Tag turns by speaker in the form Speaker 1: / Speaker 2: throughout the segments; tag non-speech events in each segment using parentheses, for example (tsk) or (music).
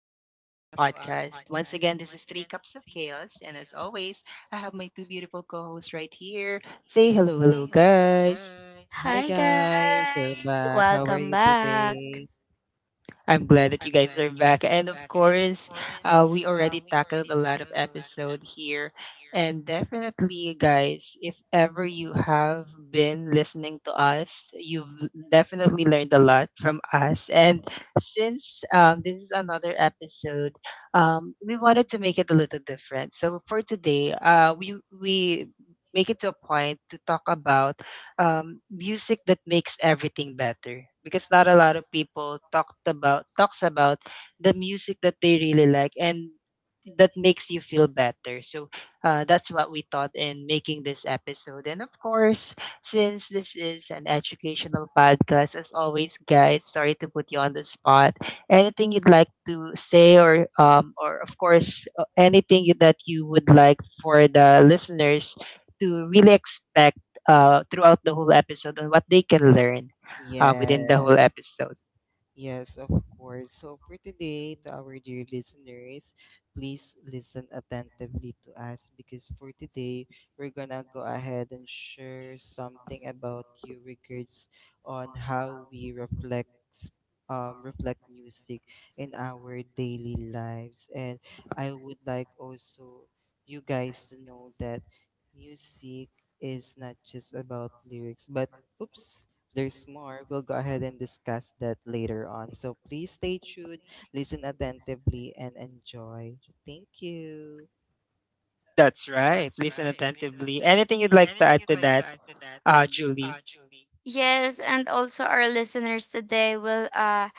Speaker 1: podcast. Once again, this is Three Cups of Chaos, and as always, I have my two beautiful co hosts right here. Say hello, hello, guys.
Speaker 2: Hi
Speaker 3: Hi,
Speaker 2: guys.
Speaker 3: guys. Welcome back.
Speaker 2: Hey.
Speaker 1: I'm glad that you guys are back. And of course, we already tackled a lot of episode here. And definitely, guys, if ever you have been listening to us, you've definitely learned a lot from us. And since this is another episode, we wanted to make it a little different. So for today, we make it to a point to talk about music that makes everything better because not a lot of people talked about talks about the music that they really like and that makes you feel better, so that's what we thought in making this episode. And of course, since this is an educational podcast, as always, guys, sorry to put you on the spot, anything you'd like to say? Or of course, anything that you would like for the listeners to really expect throughout the whole episode, on what they can learn within the whole
Speaker 2: Yes.
Speaker 1: episode.
Speaker 2: Yes, of course. So for today, to our dear listeners, please listen attentively to us because for today, we're gonna go ahead and share something about you regards on how we reflect reflect
Speaker 1: Reflect
Speaker 2: music in
Speaker 1: in our
Speaker 2: our
Speaker 1: daily
Speaker 2: daily
Speaker 1: life.
Speaker 2: lives. And
Speaker 1: And
Speaker 2: I
Speaker 1: I would
Speaker 2: would like
Speaker 1: like also
Speaker 2: also you
Speaker 1: you
Speaker 2: guys
Speaker 1: guys
Speaker 2: to
Speaker 1: to
Speaker 2: know
Speaker 1: know
Speaker 2: that
Speaker 1: that music
Speaker 2: music is
Speaker 1: is
Speaker 2: not
Speaker 1: not
Speaker 2: just
Speaker 1: just
Speaker 2: about
Speaker 1: about lyrics,
Speaker 2: lyrics, but
Speaker 1: but oops,
Speaker 2: oops, there's
Speaker 1: there's
Speaker 2: more.
Speaker 1: more.
Speaker 2: We'll go
Speaker 1: We'll go
Speaker 2: ahead and
Speaker 1: ahead and
Speaker 2: discuss
Speaker 1: discuss it
Speaker 2: that later
Speaker 1: later
Speaker 2: on.
Speaker 1: on.
Speaker 2: So
Speaker 1: So
Speaker 2: please
Speaker 1: please
Speaker 2: stay
Speaker 1: stay
Speaker 2: tuned,
Speaker 1: tuned,
Speaker 2: listen
Speaker 1: listen attentively.
Speaker 2: attentively, and enjoy. Thank you.
Speaker 1: That's right. Listen attentively. Anything you'd like to add to that, Julie?
Speaker 3: Yes, and also our listeners today will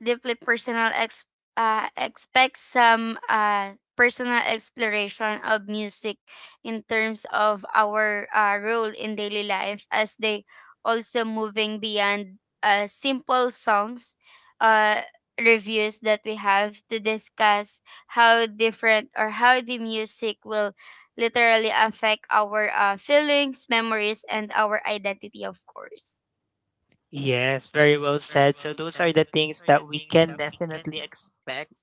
Speaker 3: deeply personal expect some personal exploration of music in terms of our role in daily life as they also moving beyond simple songs uh reviews that we have to discuss how different or how the music will literally affect our feelings, memories, and our identity, of course.
Speaker 1: Yes, very well said. So those are the things that we can definitely expect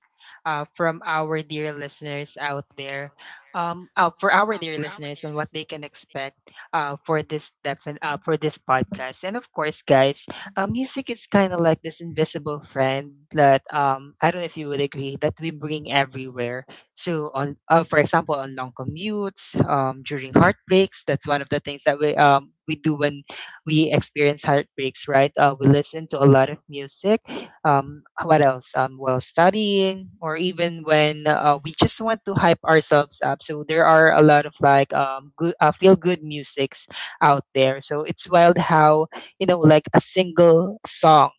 Speaker 1: from our dear listeners out there, for our dear listeners and what they can expect uh, for for this podcast. And of course, guys, music is kind of like this invisible friend that, I don't know if you would agree, that we bring everywhere. So on, for example, on long commutes, during heartbreaks, that's one of the things that we do when we experience heartbreaks, right? We listen to a lot of music. What else? While studying, or even when we just want to hype ourselves up. So there are a lot of good, feel good musics out there. So it's wild how, like, a single song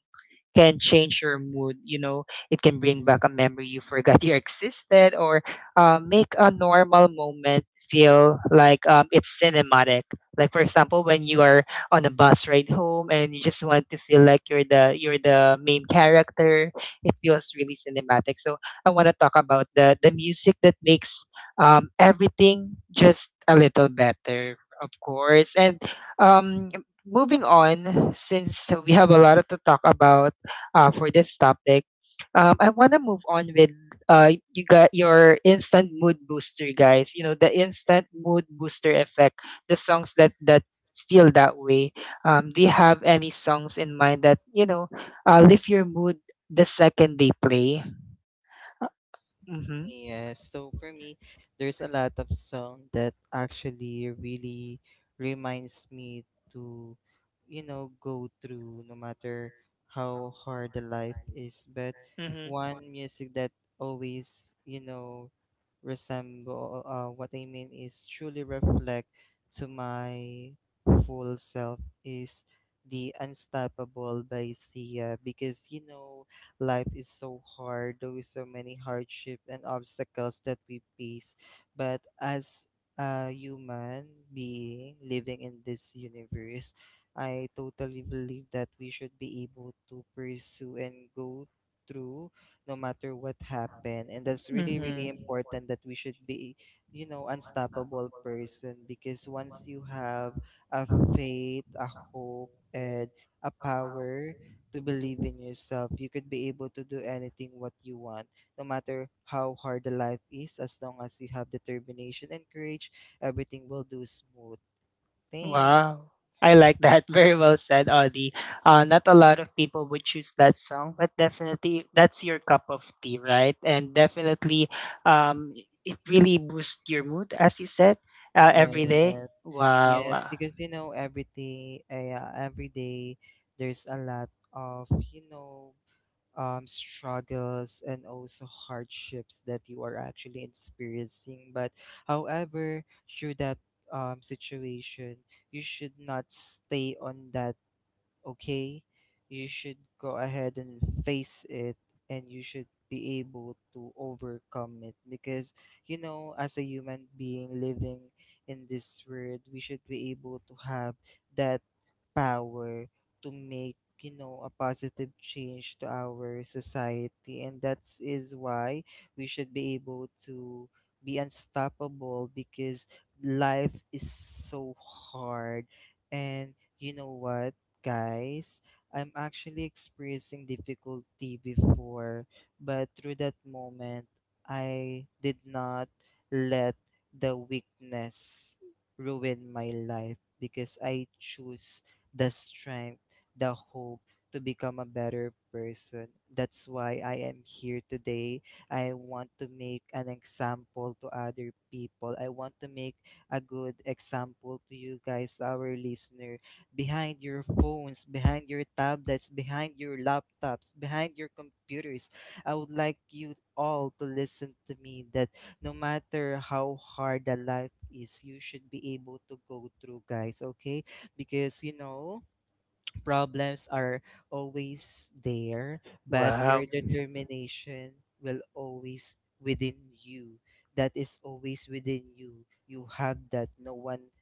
Speaker 1: can change your mood. You know, it can bring back a memory you forgot (laughs) you existed, or make a normal moment feel like, it's cinematic. Like for example, when you are on a bus ride home and you just want to feel like you're the main character, it feels really cinematic. So I want to talk about the music that makes, everything just a little better, of course. And um, moving on, since we have a lot to talk about for this topic. I want to move on with, you got your instant mood booster, guys. You know the instant mood booster effect. The songs that feel that way. Do you have any songs in mind that you know lift your mood the second they play? Mm-hmm.
Speaker 2: Yes, so for me, there's a lot of song that actually really reminds me to, you know, go through no matter how hard the life is. But
Speaker 1: Mm-hmm.
Speaker 2: one music that always, you know, resemble what I mean is truly reflect to my full self is the Unstoppable by Sia. Because you know, life is so hard. There is so many hardships and obstacles that we face. But as a human being living in this universe, I totally believe that we should be able to pursue and go through no matter what happened,
Speaker 1: Happen.
Speaker 2: and that's
Speaker 1: And that's,
Speaker 2: really really
Speaker 1: mhm, really important
Speaker 2: important
Speaker 1: that
Speaker 2: that we
Speaker 1: you
Speaker 2: should
Speaker 1: should
Speaker 2: be, you
Speaker 1: be, you
Speaker 2: know,
Speaker 1: know,
Speaker 2: unstoppable
Speaker 1: unstoppable person.
Speaker 2: person.
Speaker 1: And
Speaker 2: Because
Speaker 1: because
Speaker 2: once
Speaker 1: once
Speaker 2: you
Speaker 1: you
Speaker 2: have
Speaker 1: have
Speaker 2: a
Speaker 1: a faith,
Speaker 2: faith, a
Speaker 1: a
Speaker 2: hope,
Speaker 1: hope,
Speaker 2: and
Speaker 1: and
Speaker 2: a
Speaker 1: a power
Speaker 2: power
Speaker 1: to
Speaker 2: to
Speaker 1: believe
Speaker 2: believe
Speaker 1: in.
Speaker 2: in yourself. You could be able to do anything what you want, no matter how hard the life is. As long as you have determination and courage, everything will do smooth thing.
Speaker 1: Wow. I like that. (laughs) Very well said, Audie. Not a lot of people would choose that song, but definitely that's your cup of tea, right? And definitely, um, it really boosts your mood, as you said, every day.
Speaker 2: Yes,
Speaker 1: Wow.
Speaker 2: yes,
Speaker 1: Yes.
Speaker 2: because you know everything. Yeah, every day there's a lot of, you know, struggles and also hardships that you are actually experiencing. But however, through that situation, you should not stay on that. Okay, you should go ahead and face it, and you should be able to overcome it. Because you know, as a human being living in this world, we should be able to have that power to make, you know, a positive change to our society, and that is why we should be able to be unstoppable. Because life is so hard, and you know what, guys. I'm actually experiencing difficulty before, but through that moment, I did not let the weakness ruin my life, because I choose the strength, the hope to become a better person. That's why I am here today. I want to make an example to other people. I want to make a good example to you guys, our listener behind your phones, behind your tablets, behind your laptops, behind your computers. I would like you all to listen to me that no matter how hard the life is, you should be able to go through, guys, okay? Because you know, problems are always there, but
Speaker 1: Wow.
Speaker 2: your
Speaker 1: Because wow.
Speaker 2: determination will always within you. That is always within you. You have that. No one,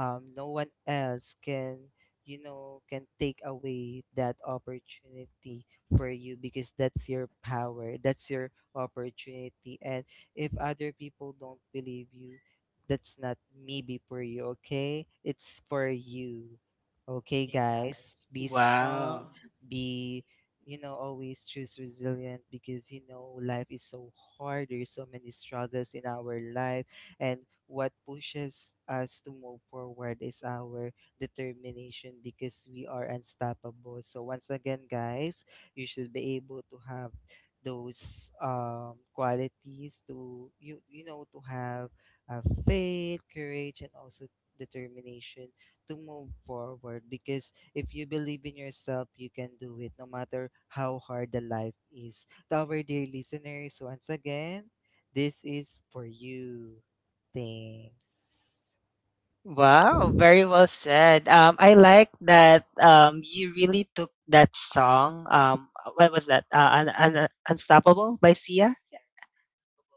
Speaker 2: no one else can, you know, can take away that opportunity for you. Because that's your power, that's your opportunity, and if other people don't believe you, that's not maybe for you, okay, it's for you.
Speaker 1: You're
Speaker 2: Okay
Speaker 1: okay.
Speaker 2: guys, be
Speaker 1: Wow.
Speaker 2: strong, be, you know, always choose resilient. Because you know, life is so hard, there's so many struggles in our life. And what pushes us to move forward is our determination, because we are unstoppable. So once again guys, you should be able to have those qualities to you, you know, to have uh, faith, courage, and also determination to move forward. Because if you believe in yourself, you can do it no matter how hard the life is. To our dear listeners, once again, this is for you. Thanks.
Speaker 1: Wow, very well said. I like that, you really took that song. What was that? Unstoppable by Sia.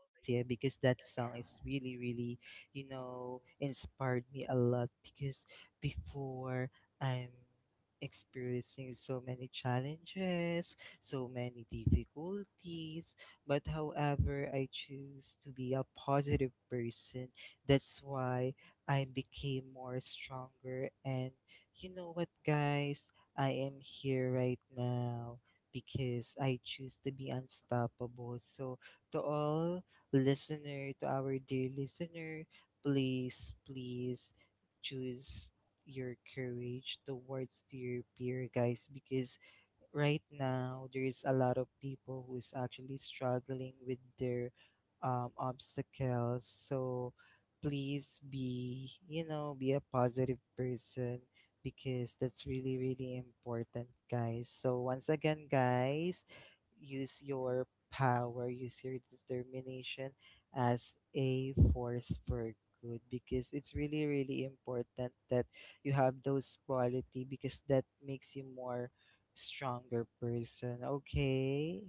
Speaker 2: Alicia, because that song is really, really, you know, inspired me a lot. Because before, I'm experiencing so many challenges, so many difficulties, but however, I choose to be a positive person. That's why I became more stronger. And you know what, guys? I am here right now because I choose to be unstoppable. So, to all listener, to our dear listener, please, please choose your courage towards your peer, guys. Because right now there's a lot of people who is actually struggling with their obstacles. So please be, you know, be a positive person, because that's really really important, guys. So once again, guys, use your power, use your determination as a force for good. Because it's really really important that you have those quality, because that makes you more stronger person, okay.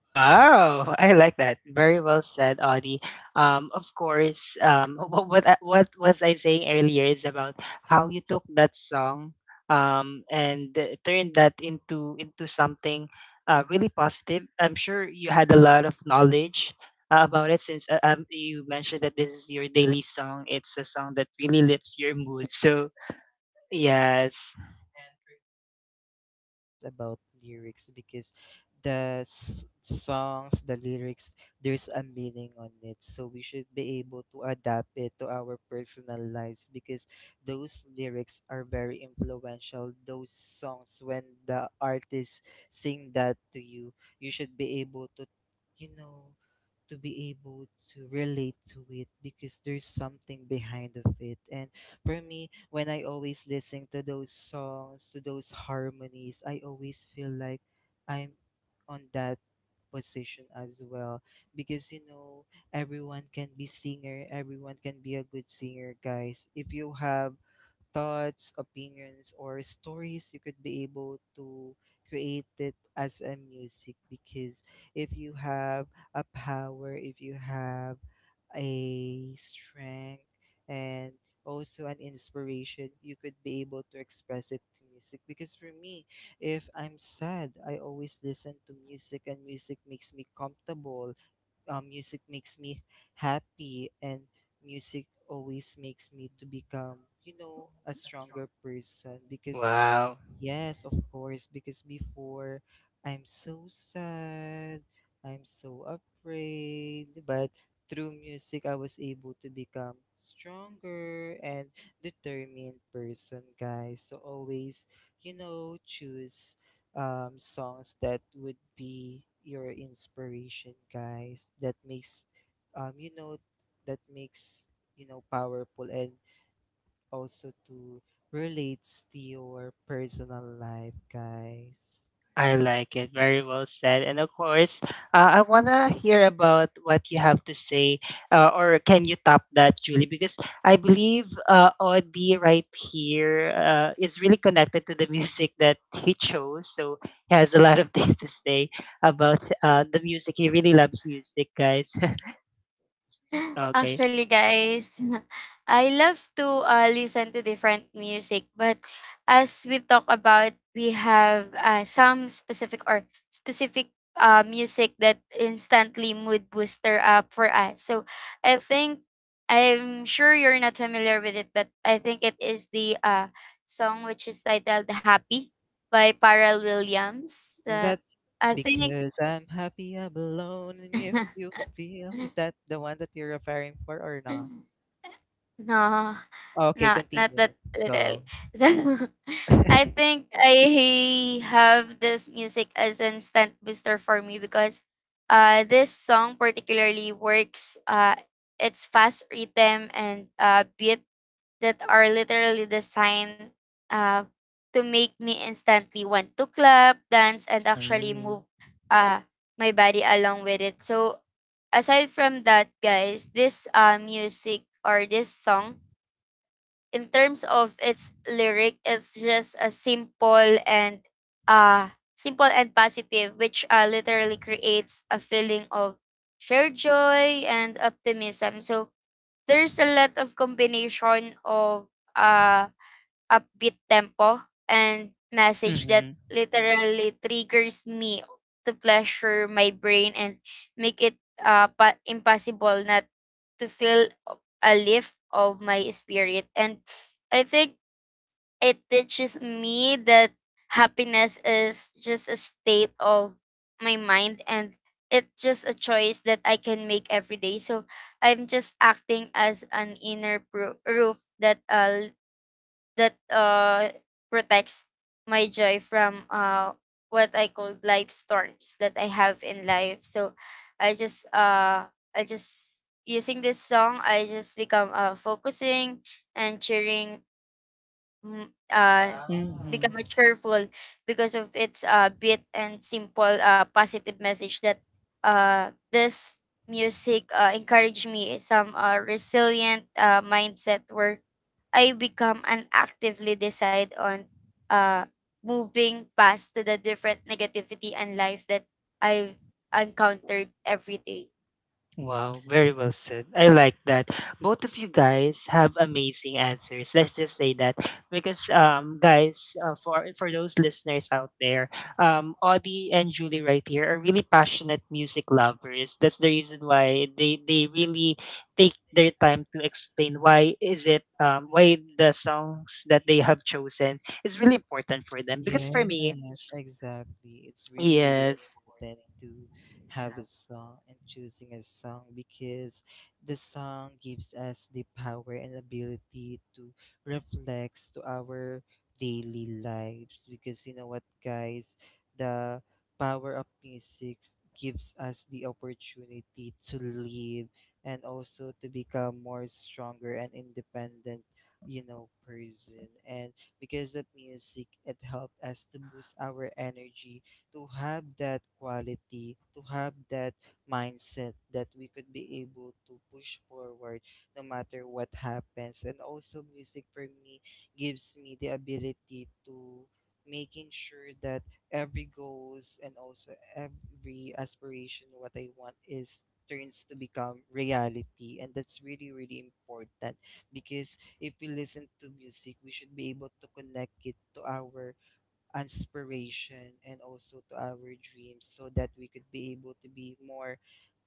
Speaker 1: Wow, I like that. Very well said, Audie. Of course, (laughs) what was I saying earlier is about how you took that song, and turned that into something really positive. I'm sure you had a lot of knowledge about it, since you mentioned that this is your daily song. It's a song that really lifts your mood. So yes,
Speaker 2: Just about lyrics. Because songs, the lyrics, there's a meaning on it, so we should be able to adapt it to our personal lives. Because those lyrics are very influential, those songs, when the artist sing that to you, you should be able to, you know, to be able to relate to it, because there's something behind of it. And for me, when I always listen to those songs, to those harmonies, I always feel like I'm on that position as well. Because, you know, everyone can be singer, everyone can be a good singer, guys. If you have thoughts, opinions, or stories, you could be able to create it as a music. Because if you have a power, if you have a strength, and also an inspiration, you could be able to express it to music. Because for me, if I'm sad, I always listen to music, and music makes me comfortable, music makes me happy, and music always makes me to become, you know, a stronger person. Because
Speaker 1: wow.
Speaker 2: yes, of course, because before I'm so sad, I'm so afraid, but through music I was able to become stronger and determined person, guys. So always, you know, choose songs that would be your inspiration, guys. That makes, you know, that makes, you know, powerful and also to relates to your personal life, guys.
Speaker 1: I
Speaker 2: Yes.
Speaker 1: like it. Very well said. And of course, I want to hear about what you have to say, or can you top that, Julie? Because I believe, Audie right here, is really connected to the (laughs) music that he chose. So he has a lot of (laughs) things to say about the music. He really loves music, guys. (laughs)
Speaker 3: (laughs)
Speaker 1: Okay.
Speaker 3: Actually, guys, (laughs) I love to listen to different music, but as we talk about, we have some specific music that instantly mood booster up for us. So I think I'm sure you're not familiar with it, but I think it is the song which is titled "Happy" by Pharrell Williams.
Speaker 2: Is that
Speaker 3: I think.
Speaker 2: because I'm happy I'm alone and if you feel, is
Speaker 3: (laughs)
Speaker 2: that the one that you're referring for or not?
Speaker 3: Mm. No,
Speaker 2: Okay,
Speaker 3: not that
Speaker 2: continue.
Speaker 3: literal.
Speaker 2: Go.
Speaker 3: (laughs) So, I
Speaker 2: (laughs)
Speaker 3: think I have this music as an instant booster for me because this song particularly works its fast rhythm and beat that are literally designed uh, to make me instantly want to clap, dance, and actually
Speaker 1: Mm-hmm.
Speaker 3: move uh, my body along with it. So, aside from that, guys, this music or this song, in terms of its lyric, it's just a simple and uh, positive, which literally creates a feeling of shared joy and optimism. So, there's a lot of combination of, uh, upbeat tempo and message that literally triggers me to pleasure my brain and make it, pa impossible not to feel a lift of my spirit, and I think it teaches me that happiness is just a state of my mind and it's just a choice that I can make every day. So I'm just acting as an inner roof that protects my joy from what I call life storms that I have in life. So I just uh I just using this song I just become focusing and cheering mm, uh,
Speaker 1: Wow. Mm-hmm.
Speaker 3: become a cheerful because of its beat and simple positive message that this music encouraged me some resilient mindset where I become and actively decide on uh, moving past to the different negativity and life that I've encountered every day.
Speaker 1: Wow, very well said. I like that. Both of you guys have amazing answers. Let's just say that because, guys, for those listeners out there, Audie and Julie right here are really passionate music lovers. That's the reason why they really take their time to explain why is it, why the songs that they have chosen is really important for them, because for me,
Speaker 2: Yes, exactly. It's really, really
Speaker 1: yes.
Speaker 2: important to have a song and choosing a song. Because the song gives us the power and ability to reflect to our daily lives. Because you know what, guys, the power of music gives us the opportunity to live and also to become more stronger and independent, you know, person. And because of music, it helped us to boost our energy, to have that quality, to have that mindset that we could be able to push forward no matter what happens. And also music for me gives me the ability to making sure that every goals and also every aspiration what I want is turns to become reality, and that's really really important. Because if we listen to music, we should be able to connect it to our inspiration and also to our dreams, so that we could be able to be more,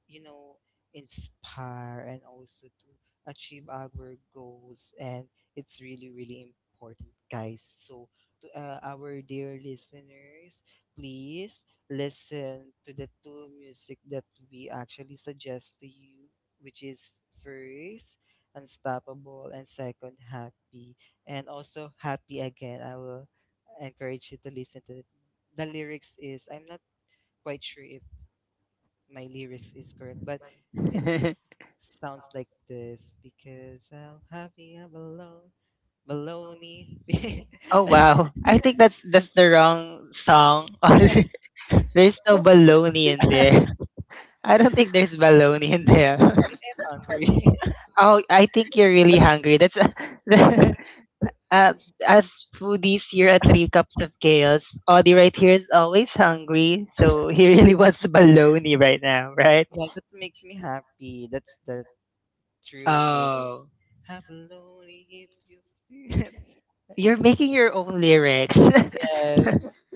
Speaker 2: you know, inspire and also to achieve our goals. And it's really, really important, guys. So, to our dear listeners, please listen to the two music that we actually suggest to you, which is first, Unstoppable, and second, Happy. And also, Happy again. I will encourage you to listen to it. The lyrics is, I'm not quite sure if my lyrics is correct, but it sounds like this,
Speaker 1: (laughs)
Speaker 2: because I'm happy I'm alone. Baloney. (laughs)
Speaker 1: Oh
Speaker 2: I
Speaker 1: wow. I think that's the wrong song. (laughs) There's no baloney in there. I don't think there's baloney in there. (laughs)
Speaker 2: think I'm hungry. (laughs)
Speaker 1: Oh, I think you're really hungry. That's (laughs) as foodies here at Three Cups of Chaos, Audie right here is always hungry, so he really (laughs) wants baloney right now, right?
Speaker 2: Yeah, that makes me happy. That's the true meaning.
Speaker 1: Oh,
Speaker 2: Have baloney if you feel.
Speaker 1: you're making your own lyrics.
Speaker 2: (laughs) Yes,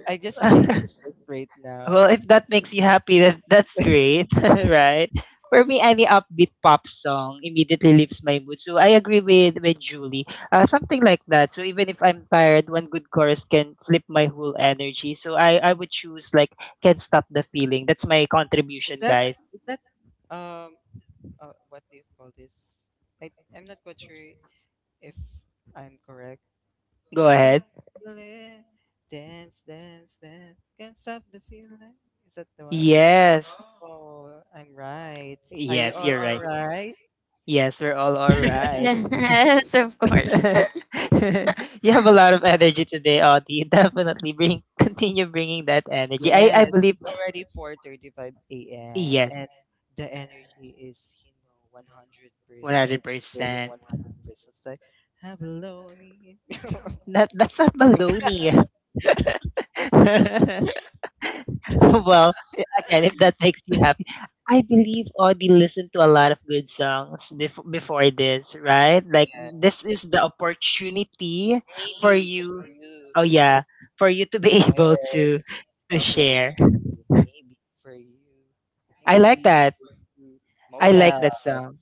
Speaker 2: I just changed it
Speaker 1: (laughs)
Speaker 2: just right now.
Speaker 1: Well, if that makes you happy, that's great, (laughs) right? For me, any upbeat pop song immediately lifts my mood. So I agree
Speaker 2: (laughs)
Speaker 1: with Julie. Something like that. So even if I'm tired, one good chorus can flip my whole energy. So I would choose like "Can't Stop the Feeling." That's my
Speaker 2: Is
Speaker 1: contribution,
Speaker 2: that,
Speaker 1: guys.
Speaker 2: is that um what do you call this? I'm not quite sure if I'm correct. Can't
Speaker 1: Go
Speaker 2: stop
Speaker 1: ahead.
Speaker 2: the feeling, dance, dance, dance. Can't stop the feeling. Is that the one?
Speaker 1: Yes.
Speaker 2: Oh, I'm right. Are you
Speaker 1: Yes,
Speaker 2: all
Speaker 1: you're
Speaker 2: all
Speaker 1: right.
Speaker 2: right?
Speaker 1: Yes, we're all
Speaker 3: (laughs)
Speaker 1: right.
Speaker 3: Yes, of course.
Speaker 1: (laughs)
Speaker 3: (laughs)
Speaker 1: You have a lot of energy today, Audie. (laughs) You Definitely bring continue bringing that energy. I
Speaker 2: Yes,
Speaker 1: believe
Speaker 2: it's already 4:35 a.m.
Speaker 1: yes,
Speaker 2: and the energy is, you know, 100%. It's giving
Speaker 1: 100%.
Speaker 2: 100%. It's like, have a lonely.
Speaker 1: That that's not baloney. (laughs) Well, again, if that makes you happy. I believe Audie listened to a lot of good songs before this, right? Like,
Speaker 2: Yeah,
Speaker 1: this is the opportunity for
Speaker 2: maybe for
Speaker 1: you.
Speaker 2: you.
Speaker 1: Oh yeah, for you to be (laughs) able
Speaker 2: Yes,
Speaker 1: to
Speaker 2: this
Speaker 1: share.
Speaker 2: opportunity. Maybe for you.
Speaker 1: I like
Speaker 2: Maybe
Speaker 1: that.
Speaker 2: for you.
Speaker 1: I like
Speaker 2: Moda,
Speaker 1: that. Yeah. Song.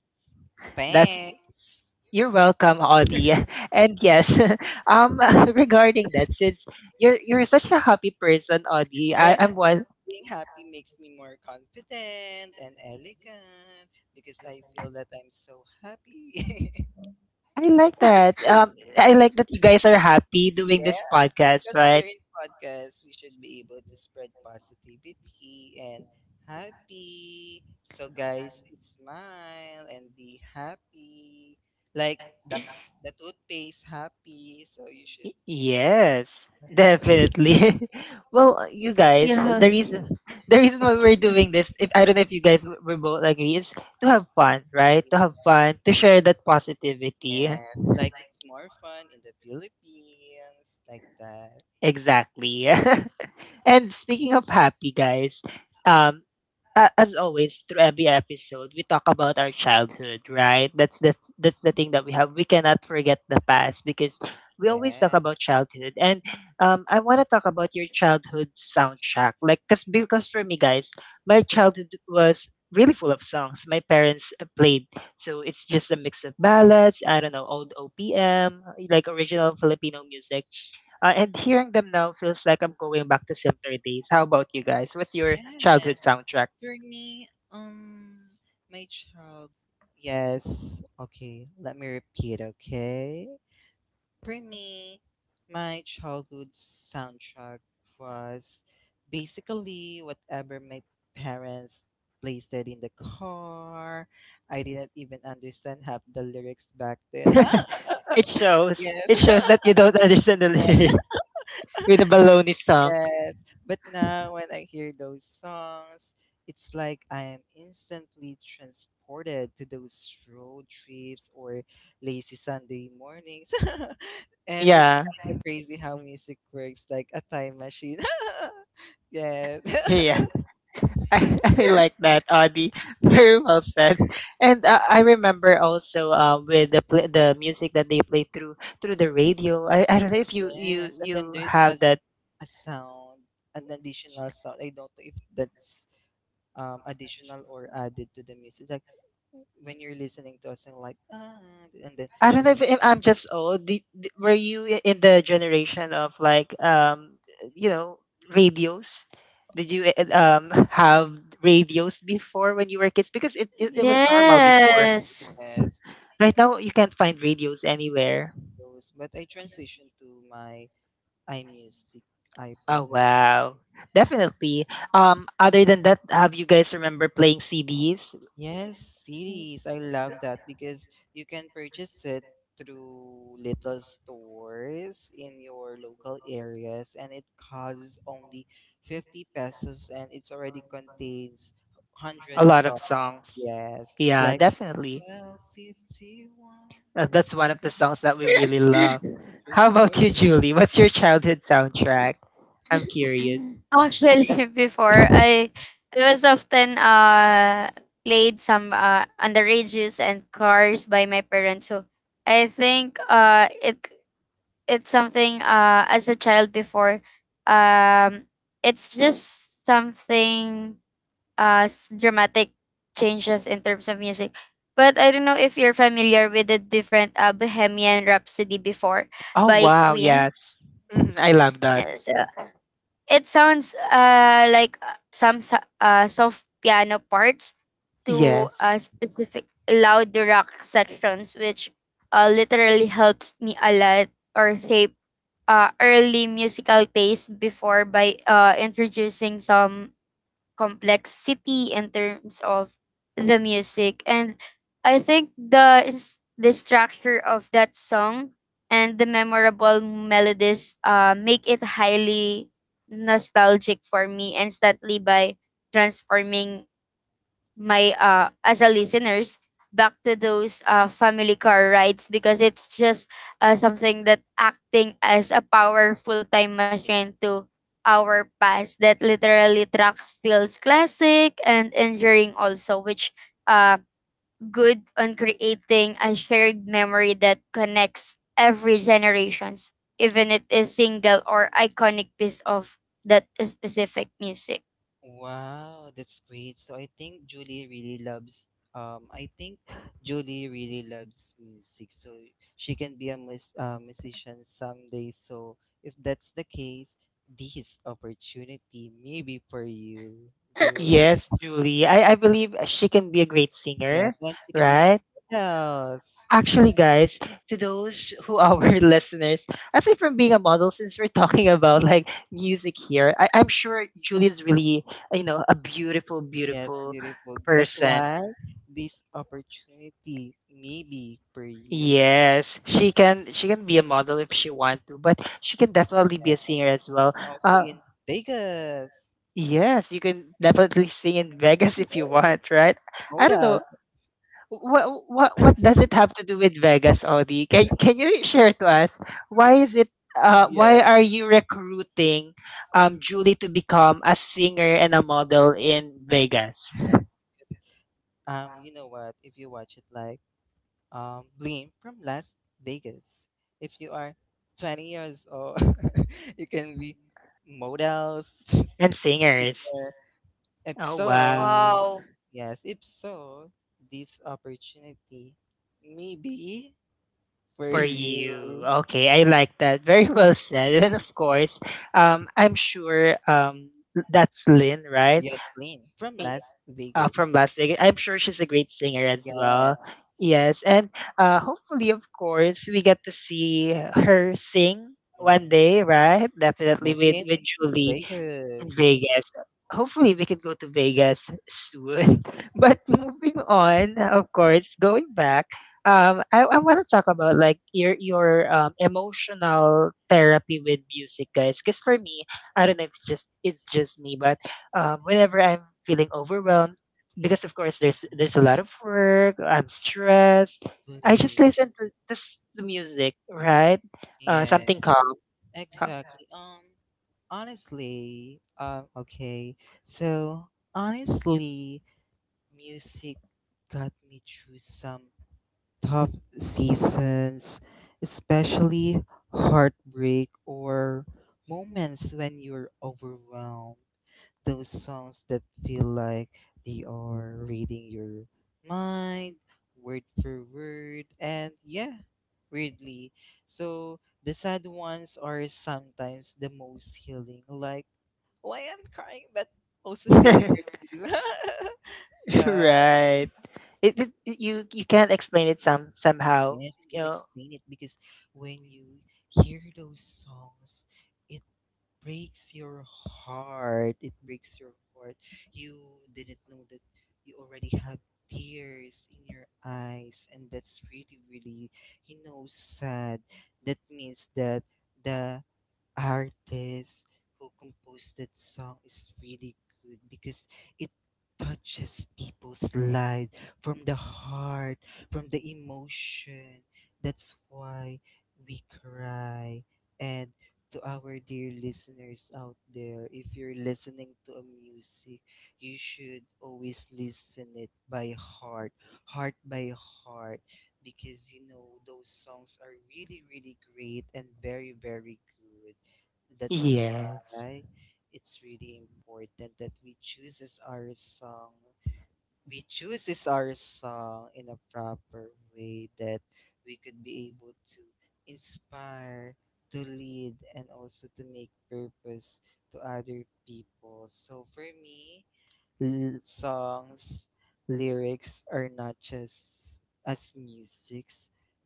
Speaker 1: That's,
Speaker 2: thanks.
Speaker 1: you're welcome, Audie. (laughs) And yes, (laughs) um, (laughs) regarding that, since you're such a happy person, Audie,
Speaker 2: Yes,
Speaker 1: I'm
Speaker 2: because
Speaker 1: one.
Speaker 2: being happy makes me more confident and elegant, because I feel that I'm so happy. (laughs)
Speaker 1: I like that. I like that you guys are happy doing this
Speaker 2: Yeah,
Speaker 1: podcast,
Speaker 2: because
Speaker 1: right?
Speaker 2: here in podcast, we should be able to spread positivity and happy. So guys, smile and be happy. Like the the toothpaste happy. So you should.
Speaker 1: Yes, definitely. (laughs) Well, you guys,
Speaker 3: Yeah.
Speaker 1: the reason (laughs) the reason why we're doing this, if I don't know if you guys will both agree, is to have fun, right? To
Speaker 2: (laughs)
Speaker 1: have fun, to share that positivity.
Speaker 2: Yes, like it's more fun in the Philippines, like that.
Speaker 1: Exactly. (laughs) And speaking of happy, guys, um, as always, through every episode, we talk about our childhood, right? That's the thing that we have. We cannot forget the past because we always talk
Speaker 2: Yeah.
Speaker 1: about childhood. And I want to talk about your childhood soundtrack, like because for me, guys, my childhood was really full of songs my parents played. So it's just a mix of ballads, I don't know, old OPM, like original Filipino music. And hearing them now feels like I'm going back to simpler days. How about you guys? What's your childhood
Speaker 2: Yes.
Speaker 1: soundtrack?
Speaker 2: For me, my child. Yes. Okay. Let me repeat. Okay. For me, my childhood soundtrack was basically whatever my parents placed it in the car. I didn't even understand half the lyrics back then. (laughs)
Speaker 1: It shows.
Speaker 2: Yes.
Speaker 1: It
Speaker 2: (laughs)
Speaker 1: shows that you don't understand the lyric (laughs) with the baloney song.
Speaker 2: Yes, but now when I hear those songs, it's like I am instantly transported to those road trips or lazy Sunday mornings. (laughs) And it's
Speaker 1: Yeah.
Speaker 2: kind of crazy how music works like a time machine. (laughs) Yes. (laughs)
Speaker 1: Yeah. (laughs) I like that, Audie. (laughs) Very well said. And I remember also the music that they play through the radio. I don't know if
Speaker 2: Yes, and then
Speaker 1: you
Speaker 2: there's a,
Speaker 1: have that,
Speaker 2: a sound, an additional sound. I don't know if that's additional
Speaker 1: additional
Speaker 2: or
Speaker 1: for
Speaker 2: added to the music. Like
Speaker 1: IDTs. That's when
Speaker 2: when
Speaker 1: (laughs)
Speaker 2: you're
Speaker 1: you're
Speaker 2: listening
Speaker 1: listening
Speaker 2: to a
Speaker 1: to
Speaker 2: song,
Speaker 1: someone
Speaker 2: like
Speaker 1: else, and
Speaker 2: ah, and then
Speaker 1: then I don't know if, I'm just old. Were you in the generation of like, you know radios? Did you (laughs) have radios before when you were kids? Because it was normal before.
Speaker 3: Yes.
Speaker 2: yes,
Speaker 1: Right now you can't find radios anywhere.
Speaker 2: those, but I transitioned to my iMusic, iPod
Speaker 1: Oh
Speaker 2: Music.
Speaker 1: wow. Definitely. Other than that, have you guys remember playing CDs?
Speaker 2: Yes,
Speaker 1: Mm.
Speaker 2: CDs. I love that because you can purchase it through little stores in your local areas and it costs only 50 pesos and it's already contains
Speaker 1: A
Speaker 2: 100
Speaker 1: lot of
Speaker 2: songs.
Speaker 1: songs.
Speaker 2: Yes,
Speaker 1: Yeah,
Speaker 2: like
Speaker 1: definitely.
Speaker 2: 1251.
Speaker 1: That's one of the songs that we really love.
Speaker 3: (laughs)
Speaker 1: How about you, Julie? What's your childhood soundtrack? I'm curious.
Speaker 3: Actually, (laughs) before I, I was often played some underages and cars by my parents. So I think it's something as a child before um it's just something dramatic changes in terms of music. But I don't know if you're familiar with the different Bohemian Rhapsody before
Speaker 1: Oh
Speaker 3: by
Speaker 1: wow,
Speaker 3: Queen.
Speaker 1: yes. Mhm, I love that.
Speaker 3: Yeah, so it sounds, like, some soft piano parts to,
Speaker 1: Yes.
Speaker 3: specific loud rock sections, which, literally helps me a lot or shape, early musical taste before by, introducing some complexity in terms of the music. And I think the structure of that song and the memorable melodies make it highly nostalgic for me instantly by transforming my as a listeners back to those family car rides because it's just something that acting as a powerful time machine to our past that literally tracks feels classic and enduring also which uh good on creating a shared memory that connects every generations even it is single or iconic piece of that specific music.
Speaker 2: Wow, that's great. So I think Julie really loves I think Julie really loves music. So she can be a musician someday. So if that's the case, this opportunity may be for you, Julie.
Speaker 1: Yes,
Speaker 2: (laughs)
Speaker 1: Julie. I believe she can be a great
Speaker 2: Yes,
Speaker 1: singer,
Speaker 2: and she can be
Speaker 1: right?
Speaker 2: yes.
Speaker 1: Actually, guys, to those who are our (laughs) listeners, aside from being a model, since we're talking about like music here, I'm sure Julie's really, you know, a beautiful,
Speaker 2: Yes,
Speaker 1: beautiful
Speaker 2: beautiful. That's
Speaker 1: person.
Speaker 2: why this opportunity may be for you.
Speaker 1: Yes, she can. She can be a model if she want to, but she can definitely be
Speaker 2: Yeah.
Speaker 1: a singer as well.
Speaker 2: And also
Speaker 1: Uh,
Speaker 2: in Vegas.
Speaker 1: yes, you can definitely sing in Vegas (laughs)
Speaker 2: Yeah.
Speaker 1: if you want, right? I don't
Speaker 2: Models.
Speaker 1: know. What does it have to do with Vegas, Audi? Can you share to us why is it why
Speaker 2: Yes.
Speaker 1: are you recruiting Julie to become a singer and a model in Vegas?
Speaker 2: Yes. yes. You know what? If you watch it like Bleem from Las Vegas, if you are 20 years old, (laughs) you can be models (laughs)
Speaker 1: And singers.
Speaker 2: or if
Speaker 1: Oh
Speaker 2: so,
Speaker 1: wow.
Speaker 3: Wow.
Speaker 2: yes, if so, this opportunity maybe for
Speaker 1: For you.
Speaker 2: you.
Speaker 1: Okay, I like that. Very well said. And of course, I'm sure that's Lynn, right?
Speaker 2: Yes, Bleem from Las Vegas.
Speaker 1: From Las Vegas. I'm sure she's a great singer as
Speaker 2: Yes.
Speaker 1: well. Yes, and hopefully, of course, we get to see her sing one
Speaker 2: Yes.
Speaker 1: day, right? Definitely
Speaker 2: Yes,
Speaker 1: with
Speaker 2: in
Speaker 1: with Julie.
Speaker 2: Vegas.
Speaker 1: Vegas. Hopefully, we can go to Vegas soon. (laughs) But moving on, of course, going back, I want to talk about like your emotional therapy with music, guys. Because for me, I don't know if it's just me, but whenever I'm feeling overwhelmed, because of course
Speaker 2: Yeah,
Speaker 1: there's a lot of work, I'm stressed. I just
Speaker 2: buddy.
Speaker 1: listen to music, right?
Speaker 2: Yes,
Speaker 1: Something calm. Huh.
Speaker 2: exactly. Okay. So honestly, music got me through some tough seasons, especially heartbreak or moments when you're overwhelmed. Those songs that feel like they are reading your mind, word for word, and yeah, weirdly. So the sad ones are sometimes the most healing. Like, why I'm crying, but also feeling
Speaker 1: (laughs)
Speaker 2: relief. (laughs) yeah.
Speaker 1: Right. You can't explain it somehow.
Speaker 2: Yes, you
Speaker 1: You
Speaker 2: can
Speaker 1: know.
Speaker 2: explain it because when you hear those songs, it breaks your heart. It breaks your heart. You didn't know that you already have tears in your eyes, and that's really, really, you know, sad. That means that the artist who composed that song is really good because it touches people's lives from the heart, from the emotion. That's why we cry. And to our dear listeners out there, if you're listening to a music, you should always listen it by heart, heart by heart, because you know those songs are really, really great and very, very good. That's
Speaker 1: Yes.
Speaker 2: why it's really important that we chooses our song. We chooses our song in a proper way that we could be able to inspire, to lead, and also to make purpose to other people. So for me, songs lyrics are not just as musics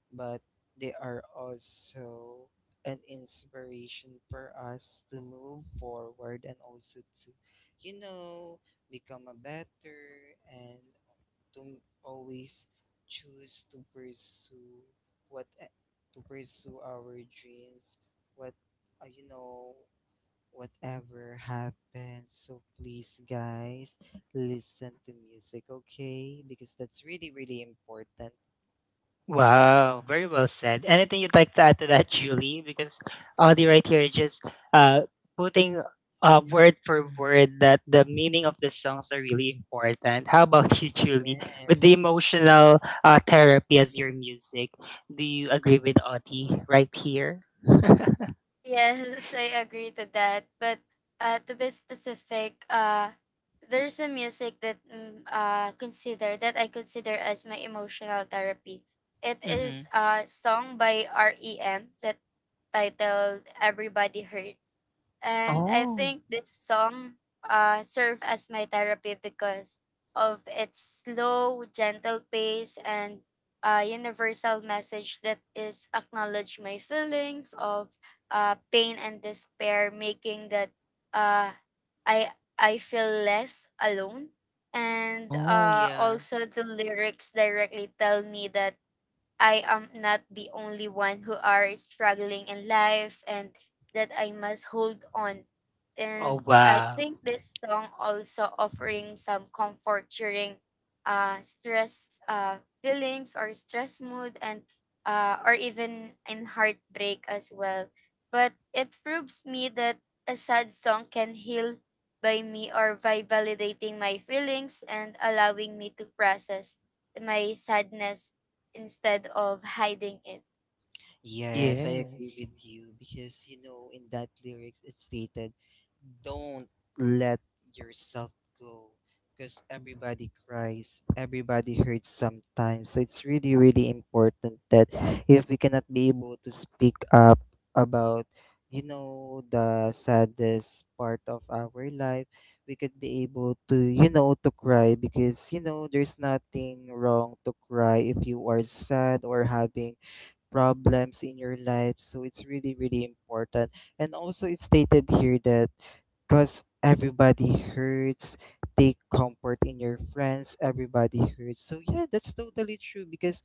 Speaker 2: but they are also an inspiration for us to move forward and also to you know become a better and to always choose to pursue what eh, to pursue our dreams what you know whatever happens. So please, guys, listen to music, okay? Because that's really, really important.
Speaker 1: Wow. Very well said. Anything you'd like to add to that, Julie? Because Audie right here is just uh putting word for word that the meaning of the songs are really important. How about (laughs) you, Julie? With
Speaker 2: Yes,
Speaker 1: the
Speaker 2: it's
Speaker 1: emotional therapy as your music, do you agree with Audie right here? (laughs)
Speaker 3: Yes, so I agree to that. But to be specific, there's a music that mm, consider that I consider as my emotional therapy. It
Speaker 1: Mm-hmm.
Speaker 3: is a song by REM that titled "Everybody Hurts," and I
Speaker 1: Oh.
Speaker 3: think this song served as my therapy because of its slow, gentle pace and universal message that is acknowledge my feelings of pain and despair, making that uh, I I feel less alone. And
Speaker 1: Oh yeah.
Speaker 3: also the lyrics directly tell me that I am not the only one who are struggling in life and that I must hold on. And
Speaker 1: Oh
Speaker 3: I
Speaker 1: wow.
Speaker 3: think this song also offering some comfort during stress feelings or stress mood and or even in heartbreak as well. But it proves me that a sad song can heal by me or by validating my feelings and allowing me to process my sadness instead of hiding it.
Speaker 2: Yes, I agree
Speaker 1: Yes.
Speaker 2: with you because you know in that lyrics it stated, "Don't let yourself go," because everybody cries, everybody hurts sometimes. So it's really, really important that if we cannot be able to speak up about, you know, the saddest part of our life, we could be able to, you know, to cry because you know there's nothing wrong to cry if you are sad or having problems in your life. So it's really, really important. And also, it's stated here that because everybody hurts, take comfort in your friends, everybody hurts. So, yeah, that's totally true because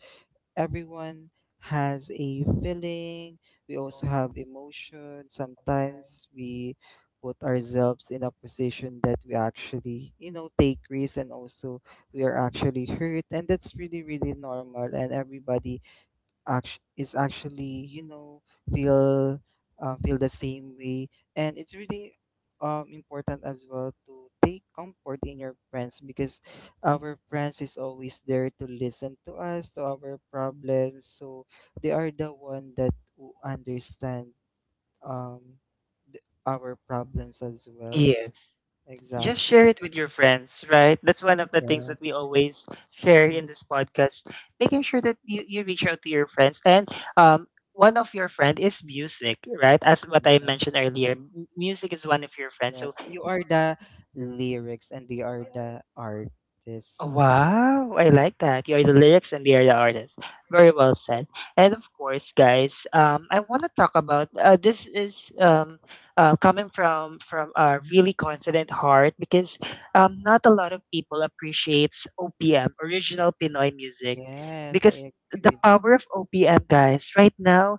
Speaker 2: everyone has a feeling. We also have emotion.
Speaker 1: Sometimes.
Speaker 2: Sometimes we put ourselves in a position that we actually, you know, take risks and also we are actually hurt. And that's really, really normal. And everybody is actually you know feel feel the same way and it's really important as well to take comfort in your friends because our friends is always there to listen to us to our problems so they are the one that who understand um our problems as well
Speaker 1: Yes.
Speaker 2: exact
Speaker 1: Just share it with your friends, right? That's one of the things that we
Speaker 2: yes.
Speaker 1: always share in this podcast, making sure that you reach out to your friends. And um, one of your friend is music, right? As what I
Speaker 2: Mhm.
Speaker 1: mentioned earlier, music is one of your friends. So
Speaker 2: Yes, you are the lyrics and they are the artists.
Speaker 1: oh, wow, I like that. You are the lyrics and they are the artists. Very well said. And of course, guys, I want to talk about this is coming from a really confident heart because not a lot of people appreciates OPM, original Pinoy music,
Speaker 2: Yes,
Speaker 1: because
Speaker 2: I
Speaker 1: the
Speaker 2: agree with
Speaker 1: power of OPM, guys. Right now,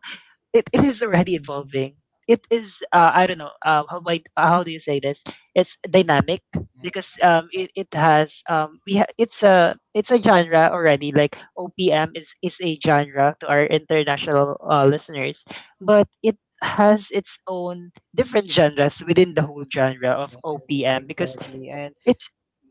Speaker 1: it is already evolving. It is I don't know how do you say this? It's dynamic
Speaker 2: you.
Speaker 1: because it, it has we ha- it's a genre already. Like OPM is a genre to our international listeners, but it has its own different genres within the whole genre of
Speaker 2: Yes, yes,
Speaker 1: OPM because
Speaker 2: exactly. And
Speaker 1: it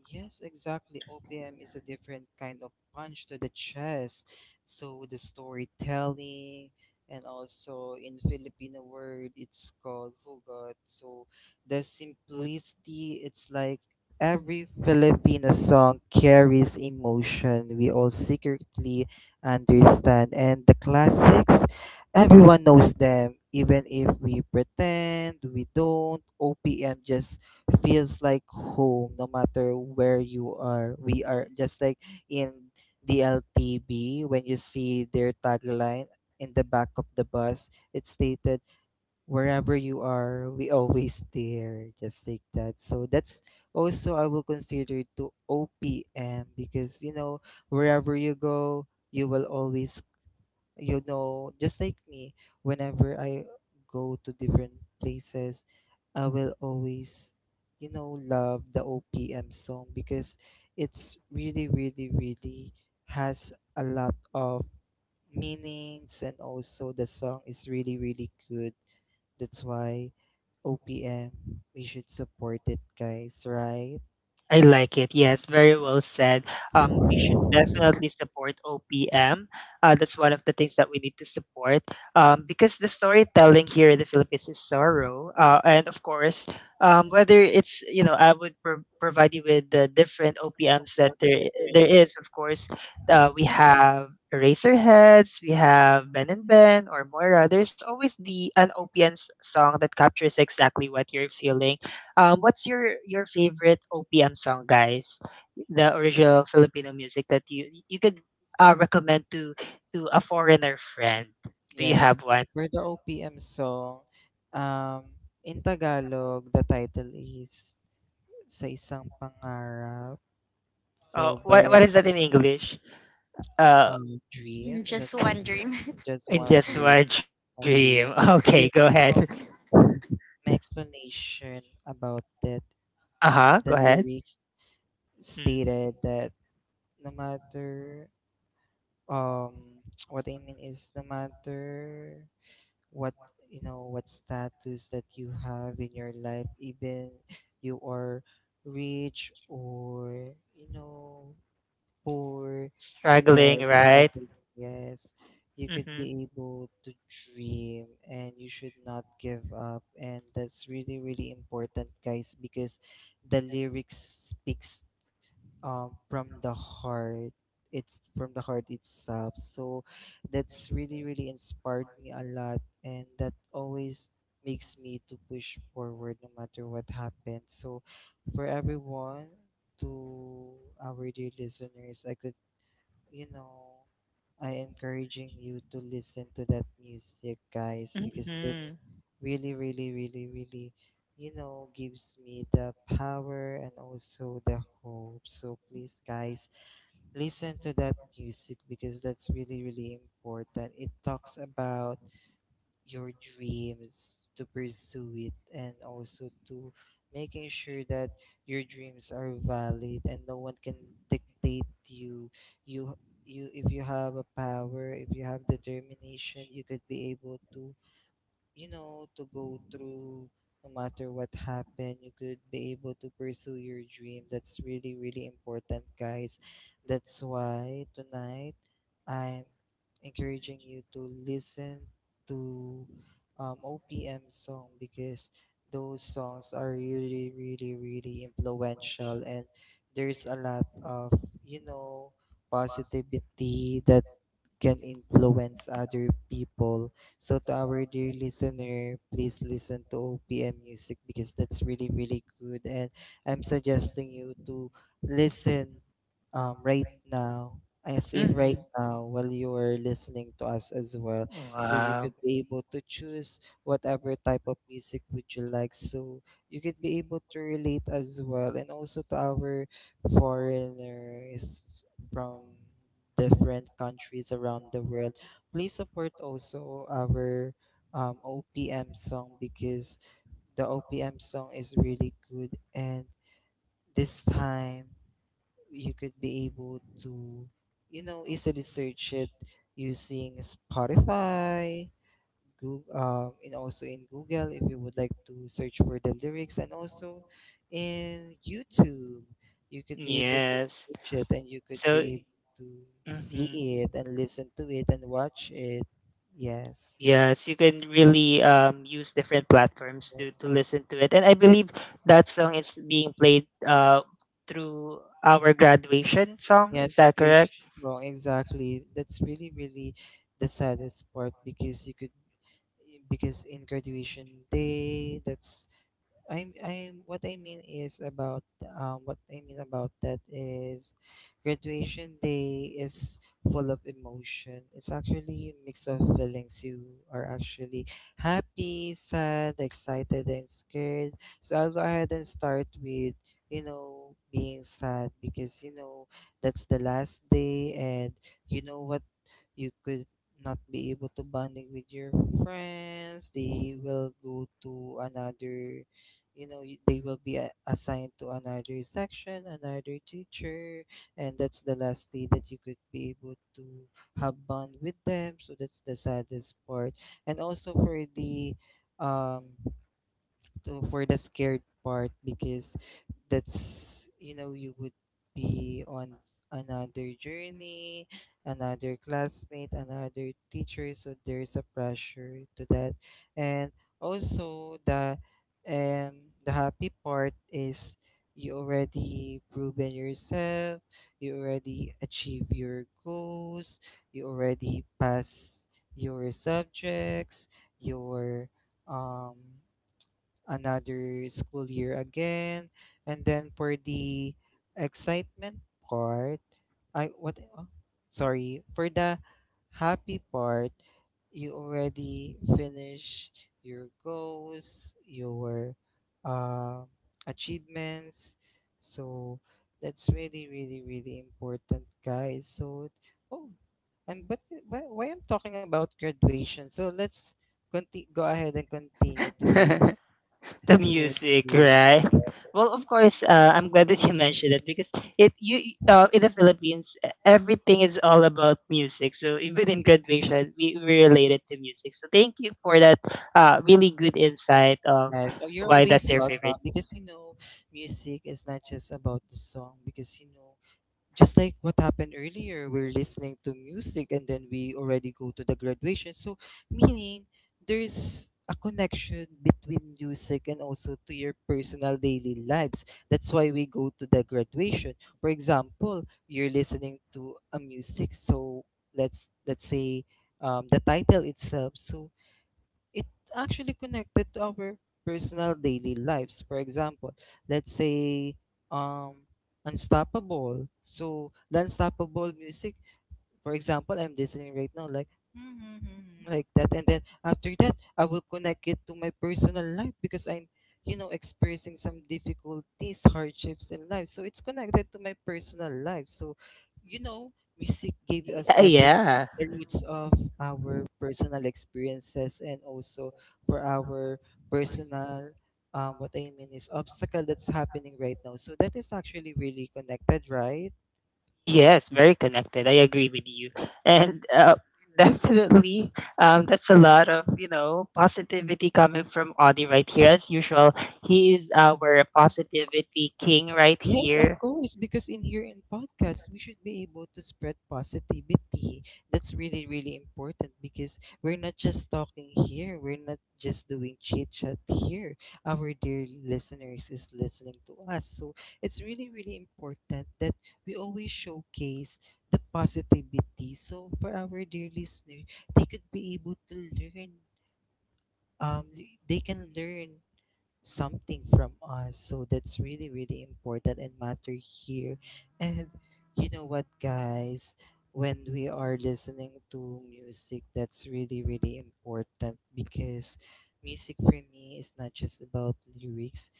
Speaker 2: yes, exactly. OPM is a different kind of punch to the chest. So the storytelling and also in Filipino word it's called hugot. So the simplicity it's like every Filipino song carries emotion we all secretly understand, and the classics everyone knows them even if we pretend we don't. OPM just feels like home no matter where you are. We are just like in the LTB. When you see their tagline in the back of the bus, it stated wherever you are, we always there. Just like that. So that's also I will consider to OPM because you know wherever you go, you will always you know, just like me, whenever I go to different places, I will always, you know, love the OPM song because it's really, really, really has a lot of meanings and also the song is really, really good. That's why OPM, we should support it, guys, right?
Speaker 1: I like it. Yes, very well said. We should definitely support OPM. That's one of the things that we need to support because the storytelling here in the Philippines is sorrow. And of course, whether it's, you know, I would provide you with the different OPMs that there is. Of course, we have Eraserheads, we have Ben and Ben or Moira. There's always the an OPM song that captures exactly what you're feeling what's your favorite OPM song, guys? The original Filipino music that you could recommend to a foreigner friend. Do you
Speaker 2: Yes,
Speaker 1: have one?
Speaker 2: for the OPM song, um, in Tagalog, the title is Sa Isang Pangarap.
Speaker 1: Oh,
Speaker 2: So,
Speaker 1: what
Speaker 2: by
Speaker 1: is that in English? Uh,
Speaker 3: (laughs)
Speaker 2: Dream,
Speaker 3: In
Speaker 2: is that
Speaker 3: just one
Speaker 2: Dream?
Speaker 3: dream. (laughs)
Speaker 2: Just
Speaker 1: in
Speaker 2: one
Speaker 1: just
Speaker 2: dream,
Speaker 1: one
Speaker 2: one dream.
Speaker 1: dream. (laughs)
Speaker 2: Because,
Speaker 1: Okay,
Speaker 2: you
Speaker 1: go
Speaker 2: know,
Speaker 1: ahead.
Speaker 2: my explanation about that,
Speaker 1: Uh huh.
Speaker 2: the
Speaker 1: Go ahead.
Speaker 2: lyrics
Speaker 1: Mm.
Speaker 2: stated that no matter, um, (tsk) what I mean is no matter what
Speaker 1: What
Speaker 2: you know what
Speaker 1: more is that
Speaker 2: status that
Speaker 1: sort.
Speaker 2: you have in your life even you are rich or you know poor yes
Speaker 1: Struggling, right?
Speaker 2: struggling, yes you could
Speaker 1: Mm-hmm.
Speaker 2: be able to dream and you should not give up, and that's really really important guys because the lyrics speaks
Speaker 1: Uh,
Speaker 2: from
Speaker 1: from
Speaker 2: the
Speaker 1: the heart.
Speaker 2: heart.
Speaker 1: It's
Speaker 2: It's from the
Speaker 1: from the
Speaker 2: heart
Speaker 1: heart
Speaker 2: itself.
Speaker 1: itself.
Speaker 2: So
Speaker 1: That
Speaker 2: that's really,
Speaker 1: sweet
Speaker 2: really inspired
Speaker 1: spark
Speaker 2: me a lot.
Speaker 1: that
Speaker 2: And that always
Speaker 1: always
Speaker 2: makes
Speaker 1: makes me wish
Speaker 2: me
Speaker 1: for
Speaker 2: to
Speaker 1: wherever
Speaker 2: push
Speaker 1: you do
Speaker 2: forward no matter what happens. So for everyone, to our dear listeners, I could, you know, I encouraging you to listen to that music, guys, because that's really,
Speaker 1: really,
Speaker 2: really, really, really, you know, gives me the power and also the hope. So please, guys,
Speaker 1: nice,
Speaker 2: listen to that music because that's
Speaker 1: really,
Speaker 2: really, really important. It talks about your dreams, to pursue it, and also to making sure that your dreams are valid and no one can dictate you. You you if you have a power, if you have determination, you could be able to you know, to go through no matter what happened. You could be able to pursue your dream. That's really, really important, guys. That's why
Speaker 1: those
Speaker 2: tonight I'm encouraging you to listen to OPM song because those
Speaker 1: songs
Speaker 2: songs are
Speaker 1: are
Speaker 2: really, really, really influential
Speaker 1: influential
Speaker 2: and
Speaker 1: and
Speaker 2: there's a
Speaker 1: there's a
Speaker 2: lot
Speaker 1: lot
Speaker 2: of,
Speaker 1: of,
Speaker 2: you
Speaker 1: you
Speaker 2: know,
Speaker 1: know, positivity
Speaker 2: positivity that
Speaker 1: that
Speaker 2: can
Speaker 1: can
Speaker 2: influence
Speaker 1: influence
Speaker 2: other
Speaker 1: other
Speaker 2: people.
Speaker 1: people.
Speaker 2: So to
Speaker 1: So to
Speaker 2: our
Speaker 1: our
Speaker 2: dear
Speaker 1: dear listener,
Speaker 2: listener, please
Speaker 1: please
Speaker 2: listen
Speaker 1: listen to
Speaker 2: to
Speaker 1: the
Speaker 2: OPM
Speaker 1: music
Speaker 2: music because that's
Speaker 1: that's
Speaker 2: really
Speaker 1: really
Speaker 2: really
Speaker 1: beautiful.
Speaker 2: good, and I'm
Speaker 1: I'm
Speaker 2: suggesting
Speaker 1: suggesting you
Speaker 2: you
Speaker 1: to
Speaker 2: to
Speaker 1: listen
Speaker 2: listen right
Speaker 1: right now.
Speaker 2: now
Speaker 1: I
Speaker 2: as in
Speaker 1: think
Speaker 2: right
Speaker 1: right
Speaker 2: now
Speaker 1: now
Speaker 2: while
Speaker 1: you'll
Speaker 2: you
Speaker 1: be
Speaker 2: are listening to us as well
Speaker 1: able
Speaker 2: so you could
Speaker 1: to
Speaker 2: be able to choose whatever
Speaker 1: whatever
Speaker 2: type of
Speaker 1: type of
Speaker 2: music would you like
Speaker 1: device.
Speaker 2: so you could
Speaker 1: You
Speaker 2: be
Speaker 1: can
Speaker 2: able
Speaker 1: be
Speaker 2: to
Speaker 1: able to
Speaker 2: relate
Speaker 1: really
Speaker 2: as well
Speaker 1: get
Speaker 2: and
Speaker 1: a
Speaker 2: also to
Speaker 1: music out
Speaker 2: our
Speaker 1: for
Speaker 2: foreigners from
Speaker 1: from the
Speaker 2: different
Speaker 1: black
Speaker 2: countries
Speaker 1: countries
Speaker 2: around the
Speaker 1: around the
Speaker 2: world.
Speaker 1: world.
Speaker 2: Please
Speaker 1: We
Speaker 2: support
Speaker 1: support those, you
Speaker 2: also
Speaker 1: know,
Speaker 2: our OPM
Speaker 1: OEM
Speaker 2: song
Speaker 1: strong.
Speaker 2: because the
Speaker 1: The
Speaker 2: OPM
Speaker 1: OEM
Speaker 2: song
Speaker 1: strong
Speaker 2: is
Speaker 1: is
Speaker 2: really good and this
Speaker 1: this um,
Speaker 2: time you
Speaker 1: we
Speaker 2: could be able
Speaker 1: would be able to,
Speaker 2: to you
Speaker 1: you
Speaker 2: know
Speaker 1: know,
Speaker 2: easily
Speaker 1: use
Speaker 2: search it
Speaker 1: inflation, use
Speaker 2: using
Speaker 1: Spotify,
Speaker 2: Spotify,
Speaker 1: uh, also Google,
Speaker 2: Google, and also in Google
Speaker 1: like
Speaker 2: if you would like to search
Speaker 1: search
Speaker 2: for the
Speaker 1: for the
Speaker 2: lyrics,
Speaker 1: voice,
Speaker 2: and
Speaker 1: and
Speaker 2: also
Speaker 1: also in
Speaker 2: in YouTube,
Speaker 1: YouTube.
Speaker 2: you could be able to
Speaker 1: Yes.
Speaker 2: search it and you could
Speaker 1: So, more
Speaker 2: be able to
Speaker 1: to mhm.
Speaker 2: see it and listen to it and watch it. Yes,
Speaker 1: Yes, you can really use different platforms
Speaker 2: yes,
Speaker 1: to listen to it. And I believe that song is being played through our graduation song.
Speaker 2: yes,
Speaker 1: Is that
Speaker 2: graduation
Speaker 1: correct?
Speaker 2: is wrong. Exactly. That's really, really the saddest part because you could because in graduation day, that's I'm I what I mean is about what I mean about that is graduation day is full of emotion. It's actually a mix of feelings. You are actually happy, sad, excited and scared. So I'll go ahead and start with, you know, being sad because you know that's the last day and you know what you could not be able to bonding with your friends. They will go to another you know they will be assigned to another section, another teacher, and that's the last day that you could be able to have bond with them, so that's the saddest part. And also for the um for the scared part because that's you know you would be on another journey, another classmate, another teacher, so there's a pressure to that. And also um the happy part is you already proven yourself, you already achieve your goals, you already pass your subjects, your um another school year again. And then for the excitement part, I what oh, sorry, for the happy part, you already finish your goals, your um achievements. So that's really, really, really important, guys. So oh, and but why I'm talking about graduation? So go ahead and continue to
Speaker 1: (laughs) The (laughs)
Speaker 2: Yes,
Speaker 1: music,
Speaker 2: yes.
Speaker 1: right? Well, of course, I'm glad that you mentioned it because in the Philippines, everything is all about music. So even in graduation, we related to music. So thank you for that really good insight of
Speaker 2: Yes. Oh, you're
Speaker 1: why
Speaker 2: always
Speaker 1: that's your favorite.
Speaker 2: welcome because you know, music is not just about the song because you know, just like what happened earlier, we're listening to music and then we already go to the graduation. So, meaning there's a connection between music and also to your personal daily lives. That's why we go to the graduation. For example, you're listening to a music, so let's say the title itself. So it actually connected to our personal daily lives. For example, let's say um Unstoppable. So the Unstoppable music, for example, I'm listening right now, like like that, and then after that I will connect it to my personal life because I'm experiencing some difficulties, hardships in life, so it's connected to my personal life. So you know music gave us every
Speaker 1: Yeah.
Speaker 2: the roots of our personal experiences and also for our personal, what I mean is obstacle that's happening right now. So that is actually really connected, right?
Speaker 1: Yes, very connected. I agree with you. And definitely, that's a lot of, you know, positivity coming from Audie right here. As usual, he is our positivity king right
Speaker 2: Yes, of
Speaker 1: here.
Speaker 2: course, because in here in podcast, we should be able to spread positivity. That's really, really important because we're not just talking here, we're not just doing chit chat here. Our dear listeners is listening to us. So it's really, really important that we always showcase the positivity. So for our dear listener, they could be able to learn, um, they can learn something from us. So that's really, really important and matter here. And you know what, guys? When we are listening to music, that's really, really important because music for me is not just about lyrics.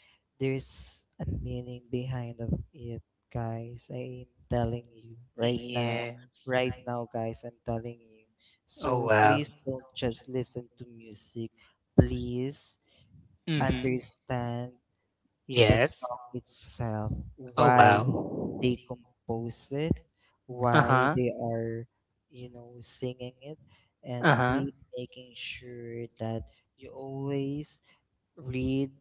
Speaker 2: There's a meaning behind of it, guys. I am telling you right now.
Speaker 1: Yes.
Speaker 2: Right now, guys, I'm telling you.
Speaker 1: Oh,
Speaker 2: So
Speaker 1: wow.
Speaker 2: please don't just listen to music. Please
Speaker 1: Mm-hmm.
Speaker 2: understand the
Speaker 1: Yes.
Speaker 2: song itself,
Speaker 1: Oh,
Speaker 2: why
Speaker 1: wow.
Speaker 2: they compose it, why
Speaker 1: Uh-huh.
Speaker 2: they are, singing it, and
Speaker 1: Uh-huh.
Speaker 2: please making sure that you always read